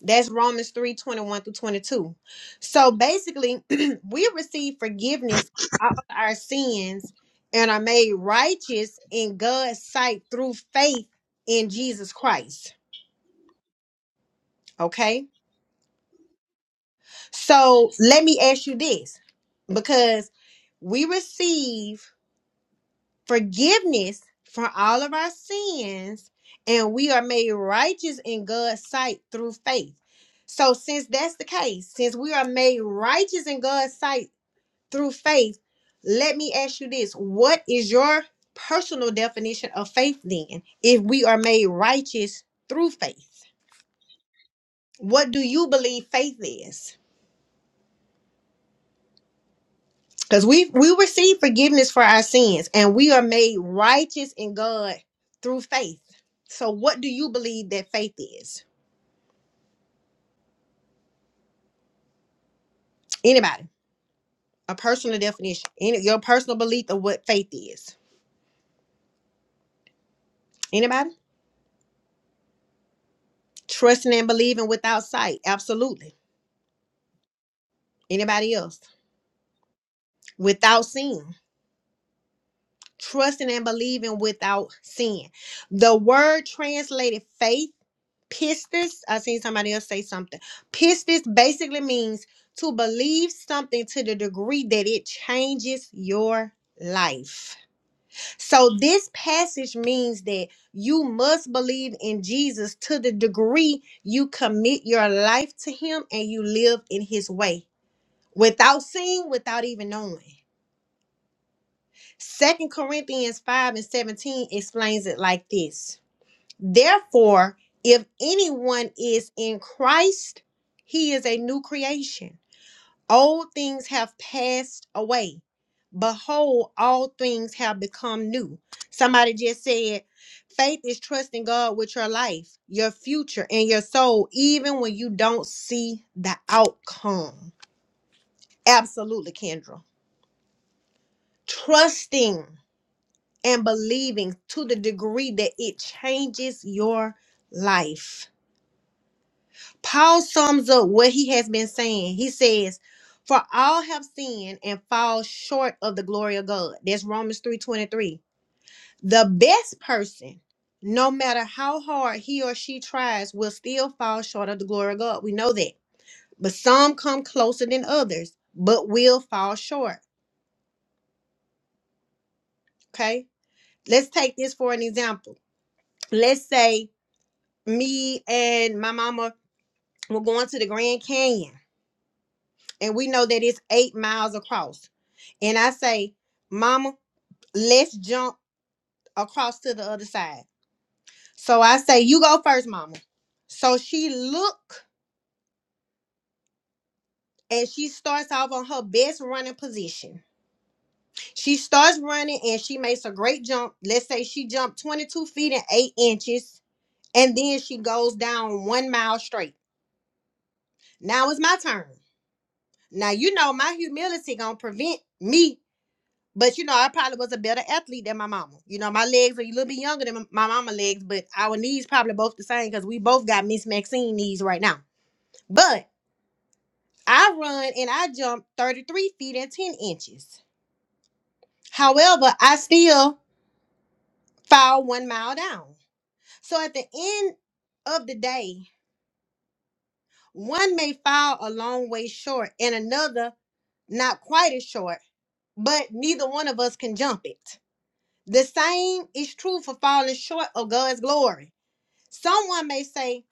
Speaker 1: That's Romans 3 21 through 22. So basically, we receive forgiveness of all our sins and are made righteous in God's sight through faith in Jesus Christ. Okay? So let me ask you this because we receive forgiveness for all of our sins, and we are made righteous in God's sight through faith. So, since that's the case, since we are made righteous in God's sight through faith, let me ask you this what is your personal definition of faith then, if we are made righteous through faith? What do you believe faith is? Because we we receive forgiveness for our sins and we are made righteous in God through faith. So what do you believe that faith is? Anybody? A personal definition. Any your personal belief of what faith is. Anybody? Trusting and believing without sight. Absolutely. Anybody else? Without seeing. Trusting and believing without seeing. The word translated faith pistis i seen somebody else say something pistis basically means to believe something to the degree that it changes your life so this passage means that you must believe in jesus to the degree you commit your life to him and you live in his way without seeing without even knowing second corinthians 5 and 17 explains it like this Therefore, if anyone is in Christ, he is a new creation. Old things have passed away. Behold, all things have become new. Somebody just said, faith is trusting God with your life, your future, and your soul, even when you don't see the outcome. Absolutely, Kendra. Trusting and believing to the degree that it changes your life Paul sums up what he has been saying. He says, For all have sinned and fall short of the glory of God. That's Romans 3:23. The best person, no matter how hard he or she tries, will still fall short of the glory of God. We know that. But some come closer than others, but will fall short. Okay? Let's take this for an example. Let's say me and my mama were going to the Grand Canyon and we know that it's eight miles across. And I say, Mama, let's jump across to the other side. So I say, You go first, Mama. So she look and she starts off on her best running position. She starts running and she makes a great jump. Let's say she jumped 22 feet and eight inches, and then she goes down one mile straight. Now it's my turn. Now you know my humility gonna prevent me But you know, I probably was a better athlete than my mama. You know, my legs are a little bit younger than my mama legs, but our knees probably both the same because we both got Miss Maxine knees right now. But I run and I jump 33 feet and 10 inches. However, I still fall one mile down. So at the end of the day, one may fall a long way short and another not quite as short, but neither one of us can jump it. The same is true for falling short of God's glory. Someone may say,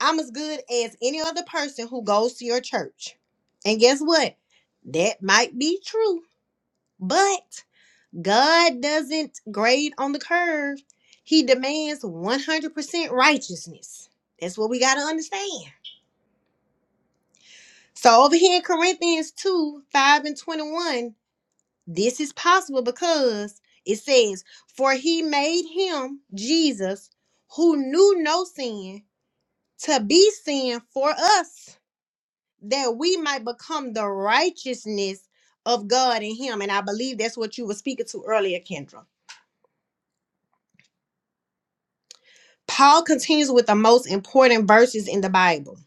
Speaker 1: I'm as good as any other person who goes to your church. And guess what? That might be true, but God doesn't grade on the curve. He demands 100% righteousness. That's what we got to understand. So, over here in Corinthians 2 5 and 21, this is possible because it says, For he made him, Jesus, who knew no sin, to be sin for us that we might become the righteousness of God in him. And I believe that's what you were speaking to earlier, Kendra. Paul continues with the most important verses in the Bible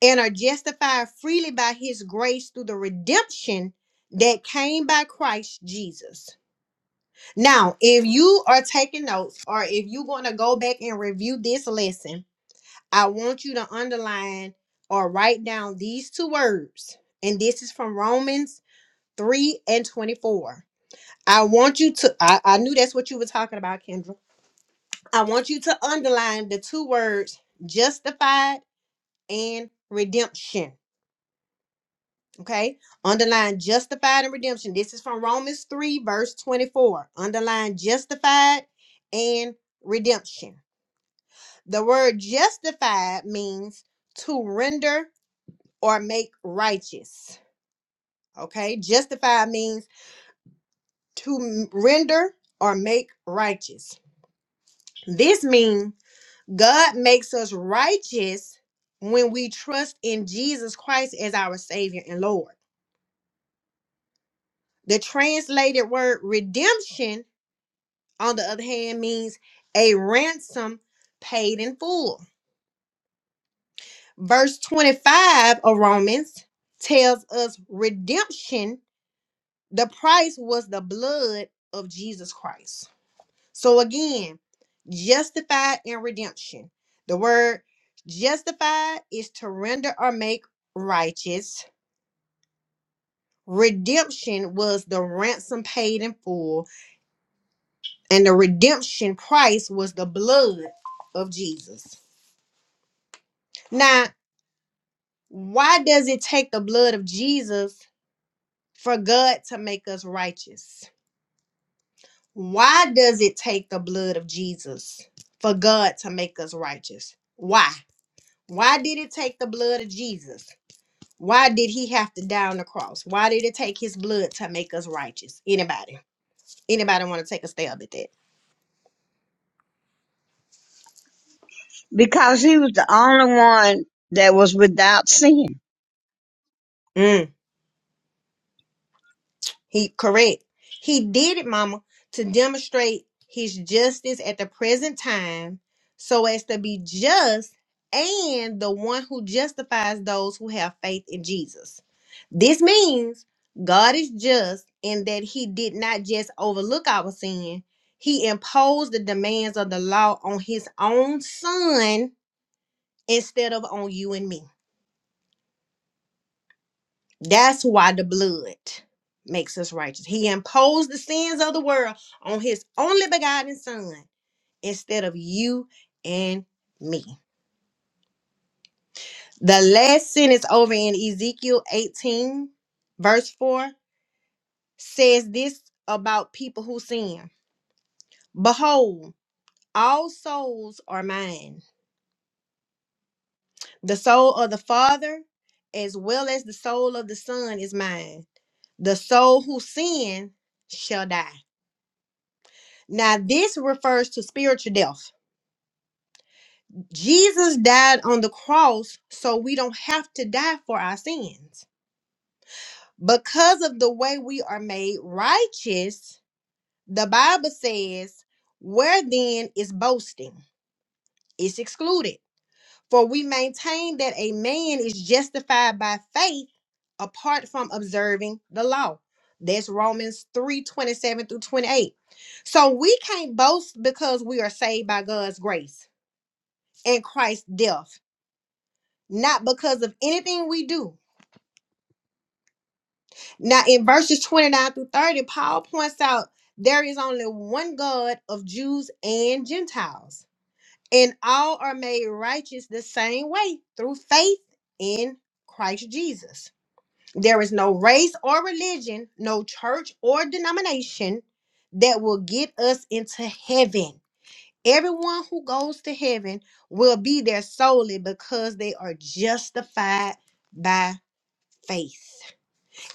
Speaker 1: and are justified freely by his grace through the redemption that came by Christ Jesus. Now, if you are taking notes or if you're going to go back and review this lesson, I want you to underline or write down these two words. And this is from Romans 3 and 24 I want you to I, I knew that's what you were talking about, Kendra. I want you to underline the two words justified and redemption. Okay? Underline justified and redemption. This is from Romans 3, verse 24. Underline justified and redemption. The word justified means to render or make righteous. Okay? Justified means to render or make righteous. This means God makes us righteous when we trust in Jesus Christ as our Savior and Lord. The translated word redemption, on the other hand, means a ransom paid in full. Verse 25 of Romans tells us redemption, the price was the blood of Jesus Christ. So again, justified and redemption. The word justified is to render or make righteous Redemption was the ransom paid in full, and the redemption price was the blood of Jesus. Now, why does it take the blood of Jesus for God to make us righteous? Why does it take the blood of Jesus for God to make us righteous? Why? Why did it take the blood of Jesus? Why did he have to die on the cross? Why did it take his blood to make us righteous? Anybody? Anybody want to take a stab at that?
Speaker 2: Because he was the only one that was without sin.
Speaker 1: Mm. He correct. He did it, mama, to demonstrate his justice at the present time, so as to be just and the one who justifies those who have faith in Jesus. This means God is just in that he did not just overlook our sin. He imposed the demands of the law on his own son instead of on you and me. That's why the blood makes us righteous. He imposed the sins of the world on his only begotten son instead of you and me. The last sentence over in Ezekiel 18, verse 4, says this about people who sin Behold, all souls are mine. The soul of the Father, as well as the soul of the Son, is mine. The soul who sin shall die. Now, this refers to spiritual death. Jesus died on the cross, so we don't have to die for our sins. Because of the way we are made righteous, the Bible says, Where then is boasting? It's excluded. For we maintain that a man is justified by faith apart from observing the law. That's Romans 3 27 through 28. So we can't boast because we are saved by God's grace and Christ's death, not because of anything we do. Now, in verses 29 through 30, Paul points out there is only one God of Jews and Gentiles, and all are made righteous the same way through faith in Christ Jesus. There is no race or religion, no church or denomination that will get us into heaven. Everyone who goes to heaven will be there solely because they are justified by faith.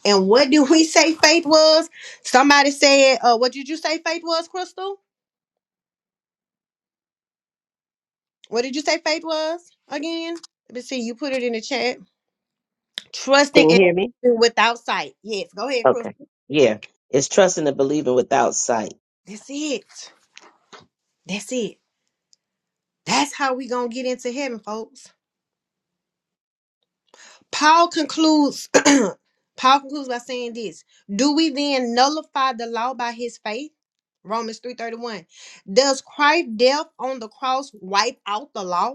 Speaker 1: And what do we say faith was? Somebody said, uh, what did you say faith was, Crystal? What did you say faith was again? Let me see, you put it in the chat.
Speaker 3: Can
Speaker 1: Trusting
Speaker 3: you
Speaker 1: and
Speaker 3: hear me?
Speaker 1: believing without sight. Yes, go ahead, Crystal.
Speaker 3: Okay. Yeah. It's trusting and believing without sight.
Speaker 1: That's it. That's it. That's how we gonna get into heaven, folks. Paul concludes Paul concludes by saying this Do we then nullify the law by his faith? Romans 3:31. Does Christ's death on the cross wipe out the law?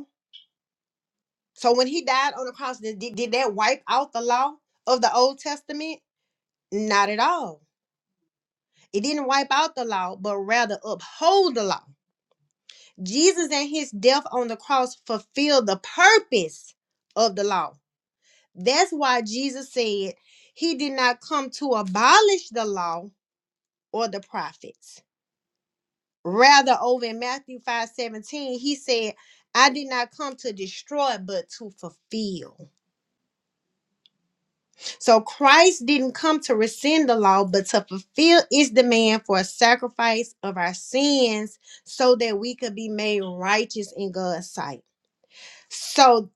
Speaker 1: So when he died on the cross, did, did did that wipe out the law of the Old Testament? Not at all. It didn't wipe out the law, but rather uphold the law. Jesus and his death on the cross fulfilled the purpose of the law. That's why Jesus said he did not come to abolish the law, or the prophets. Rather, over in Matthew 5 17, he said, I did not come to destroy, but to fulfill. So Christ didn't come to rescind the law, but to fulfill its demand for a sacrifice of our sins so that we could be made righteous in God's sight. So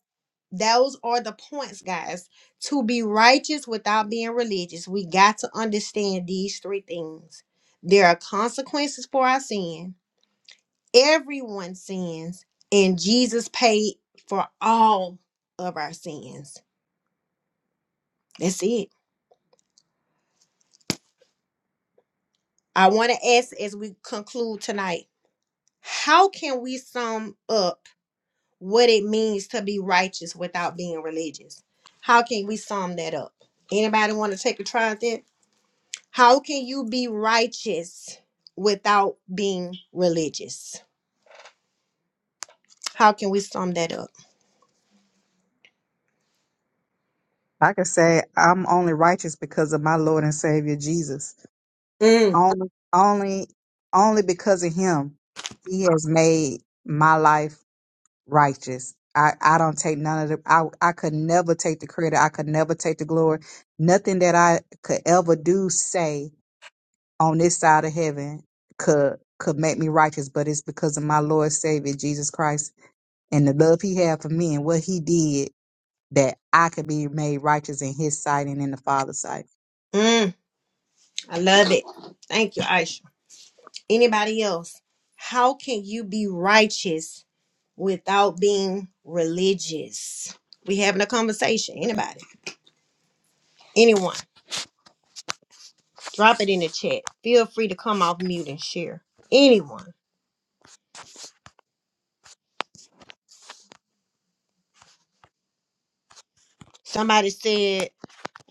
Speaker 1: those are the points, guys. To be righteous without being religious, we got to understand these three things. There are consequences for our sin everyone sins and Jesus paid for all of our sins. That's it. I want to ask as we conclude tonight, how can we sum up what it means to be righteous without being religious? How can we sum that up? Anybody want to take a try at that? How can you be righteous without being religious? How can we sum that up?
Speaker 6: I can say I'm only righteous because of my Lord and Savior Jesus.
Speaker 1: Mm,
Speaker 6: Only, only, only because of Him, He has made my life righteous. I, I don't take none of the. I I could never take the credit. I could never take the glory. Nothing that I could ever do, say on this side of heaven could could make me righteous. But it's because of my Lord Savior Jesus Christ and the love He had for me and what He did that I could be made righteous in his sight and in the Father's sight.
Speaker 1: mm, I love it. Thank you, Aisha. Anybody else? How can you be righteous without being religious? We having a conversation. Anybody? Anyone? Drop it in the chat. Feel free to come off mute and share. Anyone? Somebody said,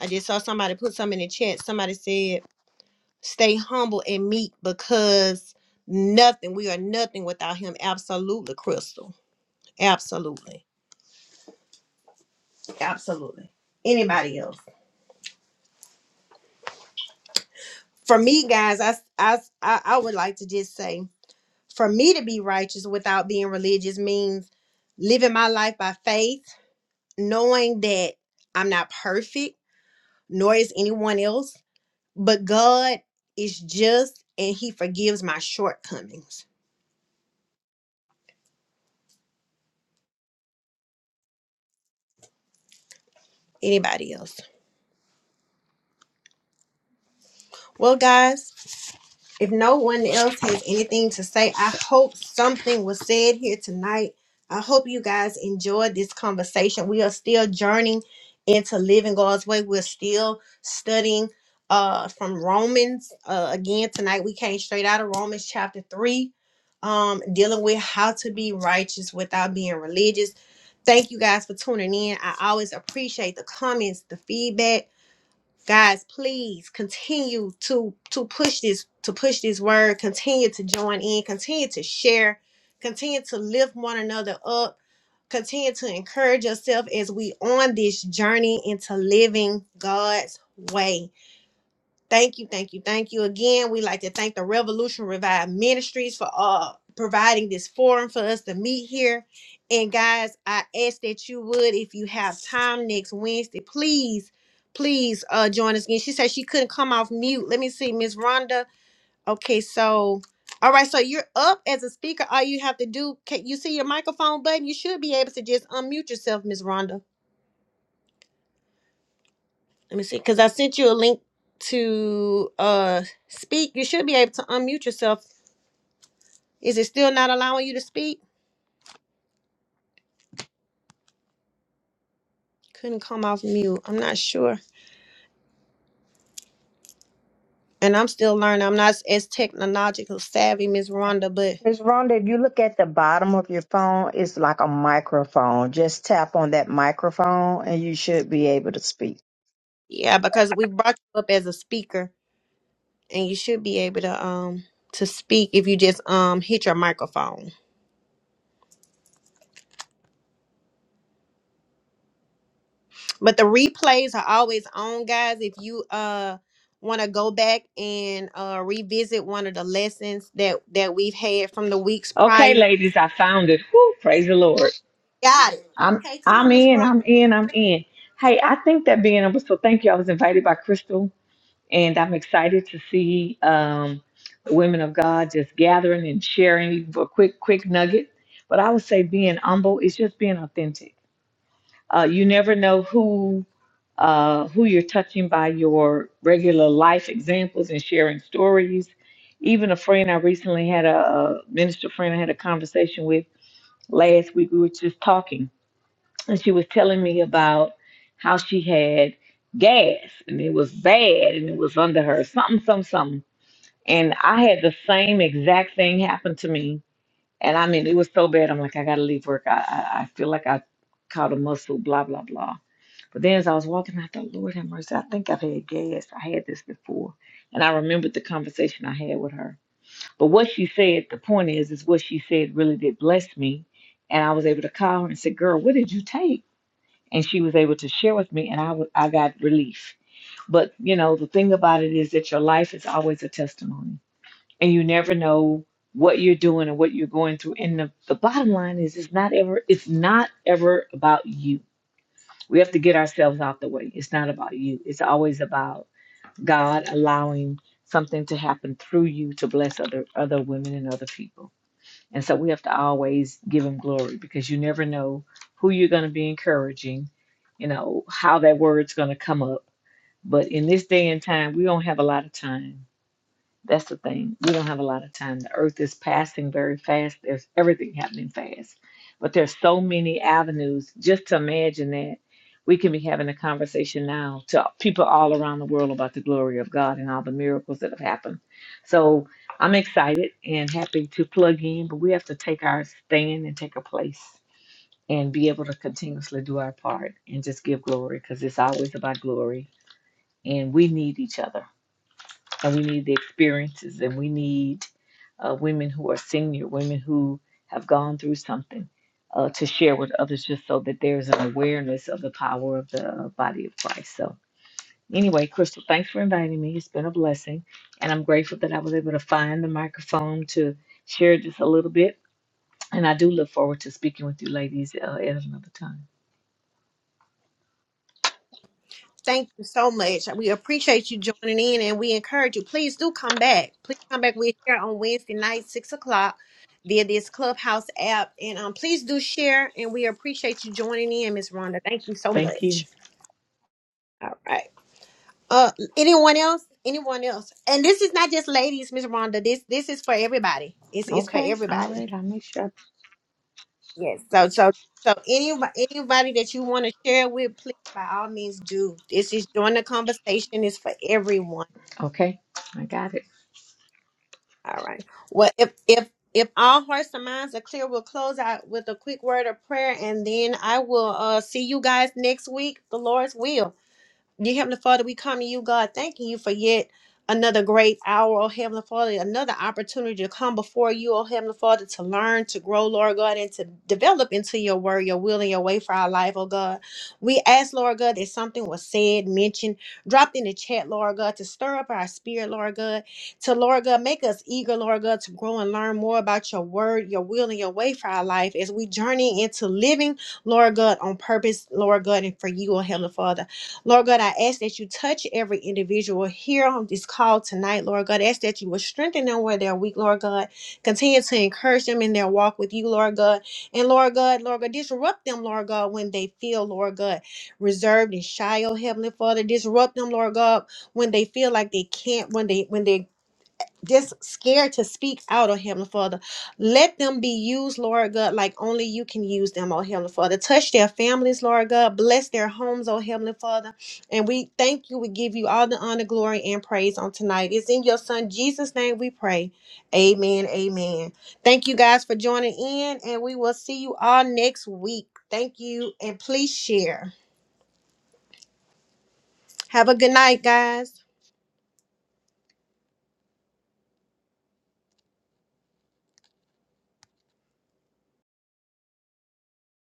Speaker 1: I just saw somebody put something in the chat. Somebody said, stay humble and meek because nothing, we are nothing without him. Absolutely, Crystal. Absolutely. Absolutely. Anybody else? for me guys I, I i I would like to just say for me to be righteous without being religious means living my life by faith, knowing that I'm not perfect, nor is anyone else, but God is just and He forgives my shortcomings. Anybody else? Well, guys. If no one else has anything to say, I hope something was said here tonight. I hope you guys enjoyed this conversation. We are still journeying into living God's way. We're still studying uh from Romans. Uh again tonight we came straight out of Romans chapter 3 um dealing with how to be righteous without being religious. Thank you guys for tuning in. I always appreciate the comments, the feedback guys please continue to to push this to push this word continue to join in continue to share continue to lift one another up continue to encourage yourself as we on this journey into living god's way Thank you, thank you, thank you again. We like to thank the Revolution Revived Ministries for uh providing this forum for us to meet here. And guys, I ask that you would, if you have time next Wednesday, please, please uh join us again. She said she couldn't come off mute. Let me see, Miss Rhonda. Okay, so all right, so you're up as a speaker. All you have to do, can you see your microphone button? You should be able to just unmute yourself, Miss Rhonda. Let me see, because I sent you a link to uh speak. You should be able to unmute yourself. Is it still not allowing you to speak? Couldn't come off mute. I'm not sure. And I'm still learning. I'm not as technological savvy, Miss Rhonda, but
Speaker 5: Miss Rhonda, if you look at the bottom of your phone, it's like a microphone. Just tap on that microphone and you should be able to speak.
Speaker 1: yeah, because we brought you up as a speaker and you should be able to um to speak if you just um hit your microphone. But the replays are always on, guys. If you uh want to go back and uh revisit one of the lessons that that we've had from the weeks
Speaker 8: Okay,
Speaker 1: prior.
Speaker 8: ladies, I found it. Whew, praise the Lord.
Speaker 1: Got it.
Speaker 8: I'm
Speaker 1: Okay, come
Speaker 8: I'm
Speaker 1: on, Miss
Speaker 8: in,
Speaker 1: Rhonda.
Speaker 8: I'm in, I'm in. Hey, I think that being able so thank you. I was invited by Crystal and I'm excited to see um the women of God just gathering and sharing even for a quick, quick nugget. But I would say being humble is just being authentic. Uh you never know who uh who you're touching by your regular life examples and sharing stories. Even a friend I recently had a, a minister friend I had a conversation with Last week we were just talking, and she was telling me about how she had gas, and it was bad, and it was under her something, something, something. And I had the same exact thing happen to me, and I mean it was so bad. I'm like, I gotta leave work. I I, I feel like I caught a muscle. Blah blah blah. But then as I was walking, I thought, Lord have mercy. I think I've had gas. I had this before, and I remembered the conversation I had with her. But what she said, the point is, is what she said really did bless me. And I was able to call her and say, Girl, what did you take? And she was able to share with me, and I wa- I got relief. But, you know, the thing about it is that your life is always a testimony, and you never know what you're doing and what you're going through. And the, the bottom line is, it's not ever, it's not ever about you. We have to get ourselves out the way. It's not about you. It's always about God allowing something to happen through you to bless other other women and other people. And so we have to always give him glory because you never know who you're going to be encouraging, you know, how that word's going to come up. But in this day and time, we don't have a lot of time. That's the thing. We don't have a lot of time. The earth is passing very fast. There's everything happening fast. But there's so many avenues. Just to imagine that we can be having a conversation now to people all around the world about the glory of God and all the miracles that have happened. So I'm excited and happy to plug in, but we have to take our stand and take a place and be able to continuously do our part and just give glory because it's always about glory. And we need each other and we need the experiences and we need uh, women who are senior, women who have gone through something, uh, to share with others just so that there's an awareness of the power of the uh, body of Christ. So, anyway, Crystal, thanks for inviting me. It's been a blessing. And I'm grateful that I was able to find the microphone to share just a little bit. And I do look forward to speaking with you ladies uh, at another time.
Speaker 1: Thank you so much. We appreciate you joining in and we encourage you. Please do come back. Please come back. We're here on Wednesday night, six o'clock via this clubhouse app. And um please do share and we appreciate you joining in, Miss Rhonda. Thank you so
Speaker 8: Thank
Speaker 1: much.
Speaker 8: you.
Speaker 1: All right. Uh, anyone else? Anyone else? And this is not just ladies, Miss Rhonda. This this is for everybody. It's it's for
Speaker 8: Okay. All
Speaker 1: everybody.
Speaker 8: right. I'll make sure. I-
Speaker 1: Yes. So so so anybody anybody that you want to share with, please by all means do. This is join the conversation. It's for everyone.
Speaker 8: Okay. I got it.
Speaker 1: All right. Well, if if if all hearts and minds are clear, we'll close out with a quick word of prayer, and then I will uh see you guys next week. The Lord's will. Dear Heavenly Father, we come to you, God, thanking you for yet another great hour, oh Heavenly Father, another opportunity to come before you, oh Heavenly Father, to learn, to grow, Lord God, and to develop into your word, your will, and your way for our life, oh God. We ask, Lord God, that something was said, mentioned, dropped in the chat, Lord God, to stir up our spirit, Lord God, to, Lord God, make us eager, Lord God, to grow and learn more about your word, your will, and your way for our life as we journey into living, Lord God, on purpose, Lord God, and for you, oh Heavenly Father. Lord God, I ask that you touch every individual here on this call tonight, Lord God. I ask that you will strengthen them where they're weak, Lord God. Continue to encourage them in their walk with you, Lord God. And Lord God, Lord God, disrupt them, Lord God, when they feel, Lord God, reserved and shy, oh Heavenly Father. Disrupt them, Lord God, when they feel like they can't, when they when they just scared to speak out, oh Heavenly Father. Let them be used, Lord God, like only you can use them, oh Heavenly Father. Touch their families, Lord God. Bless their homes, oh Heavenly Father. And we thank you. We give you all the honor, glory, and praise on tonight. It's in your Son Jesus' name we pray. Amen. Amen. Thank you guys for joining in, and we will see you all next week. Thank you, and please share. Have a good night, guys.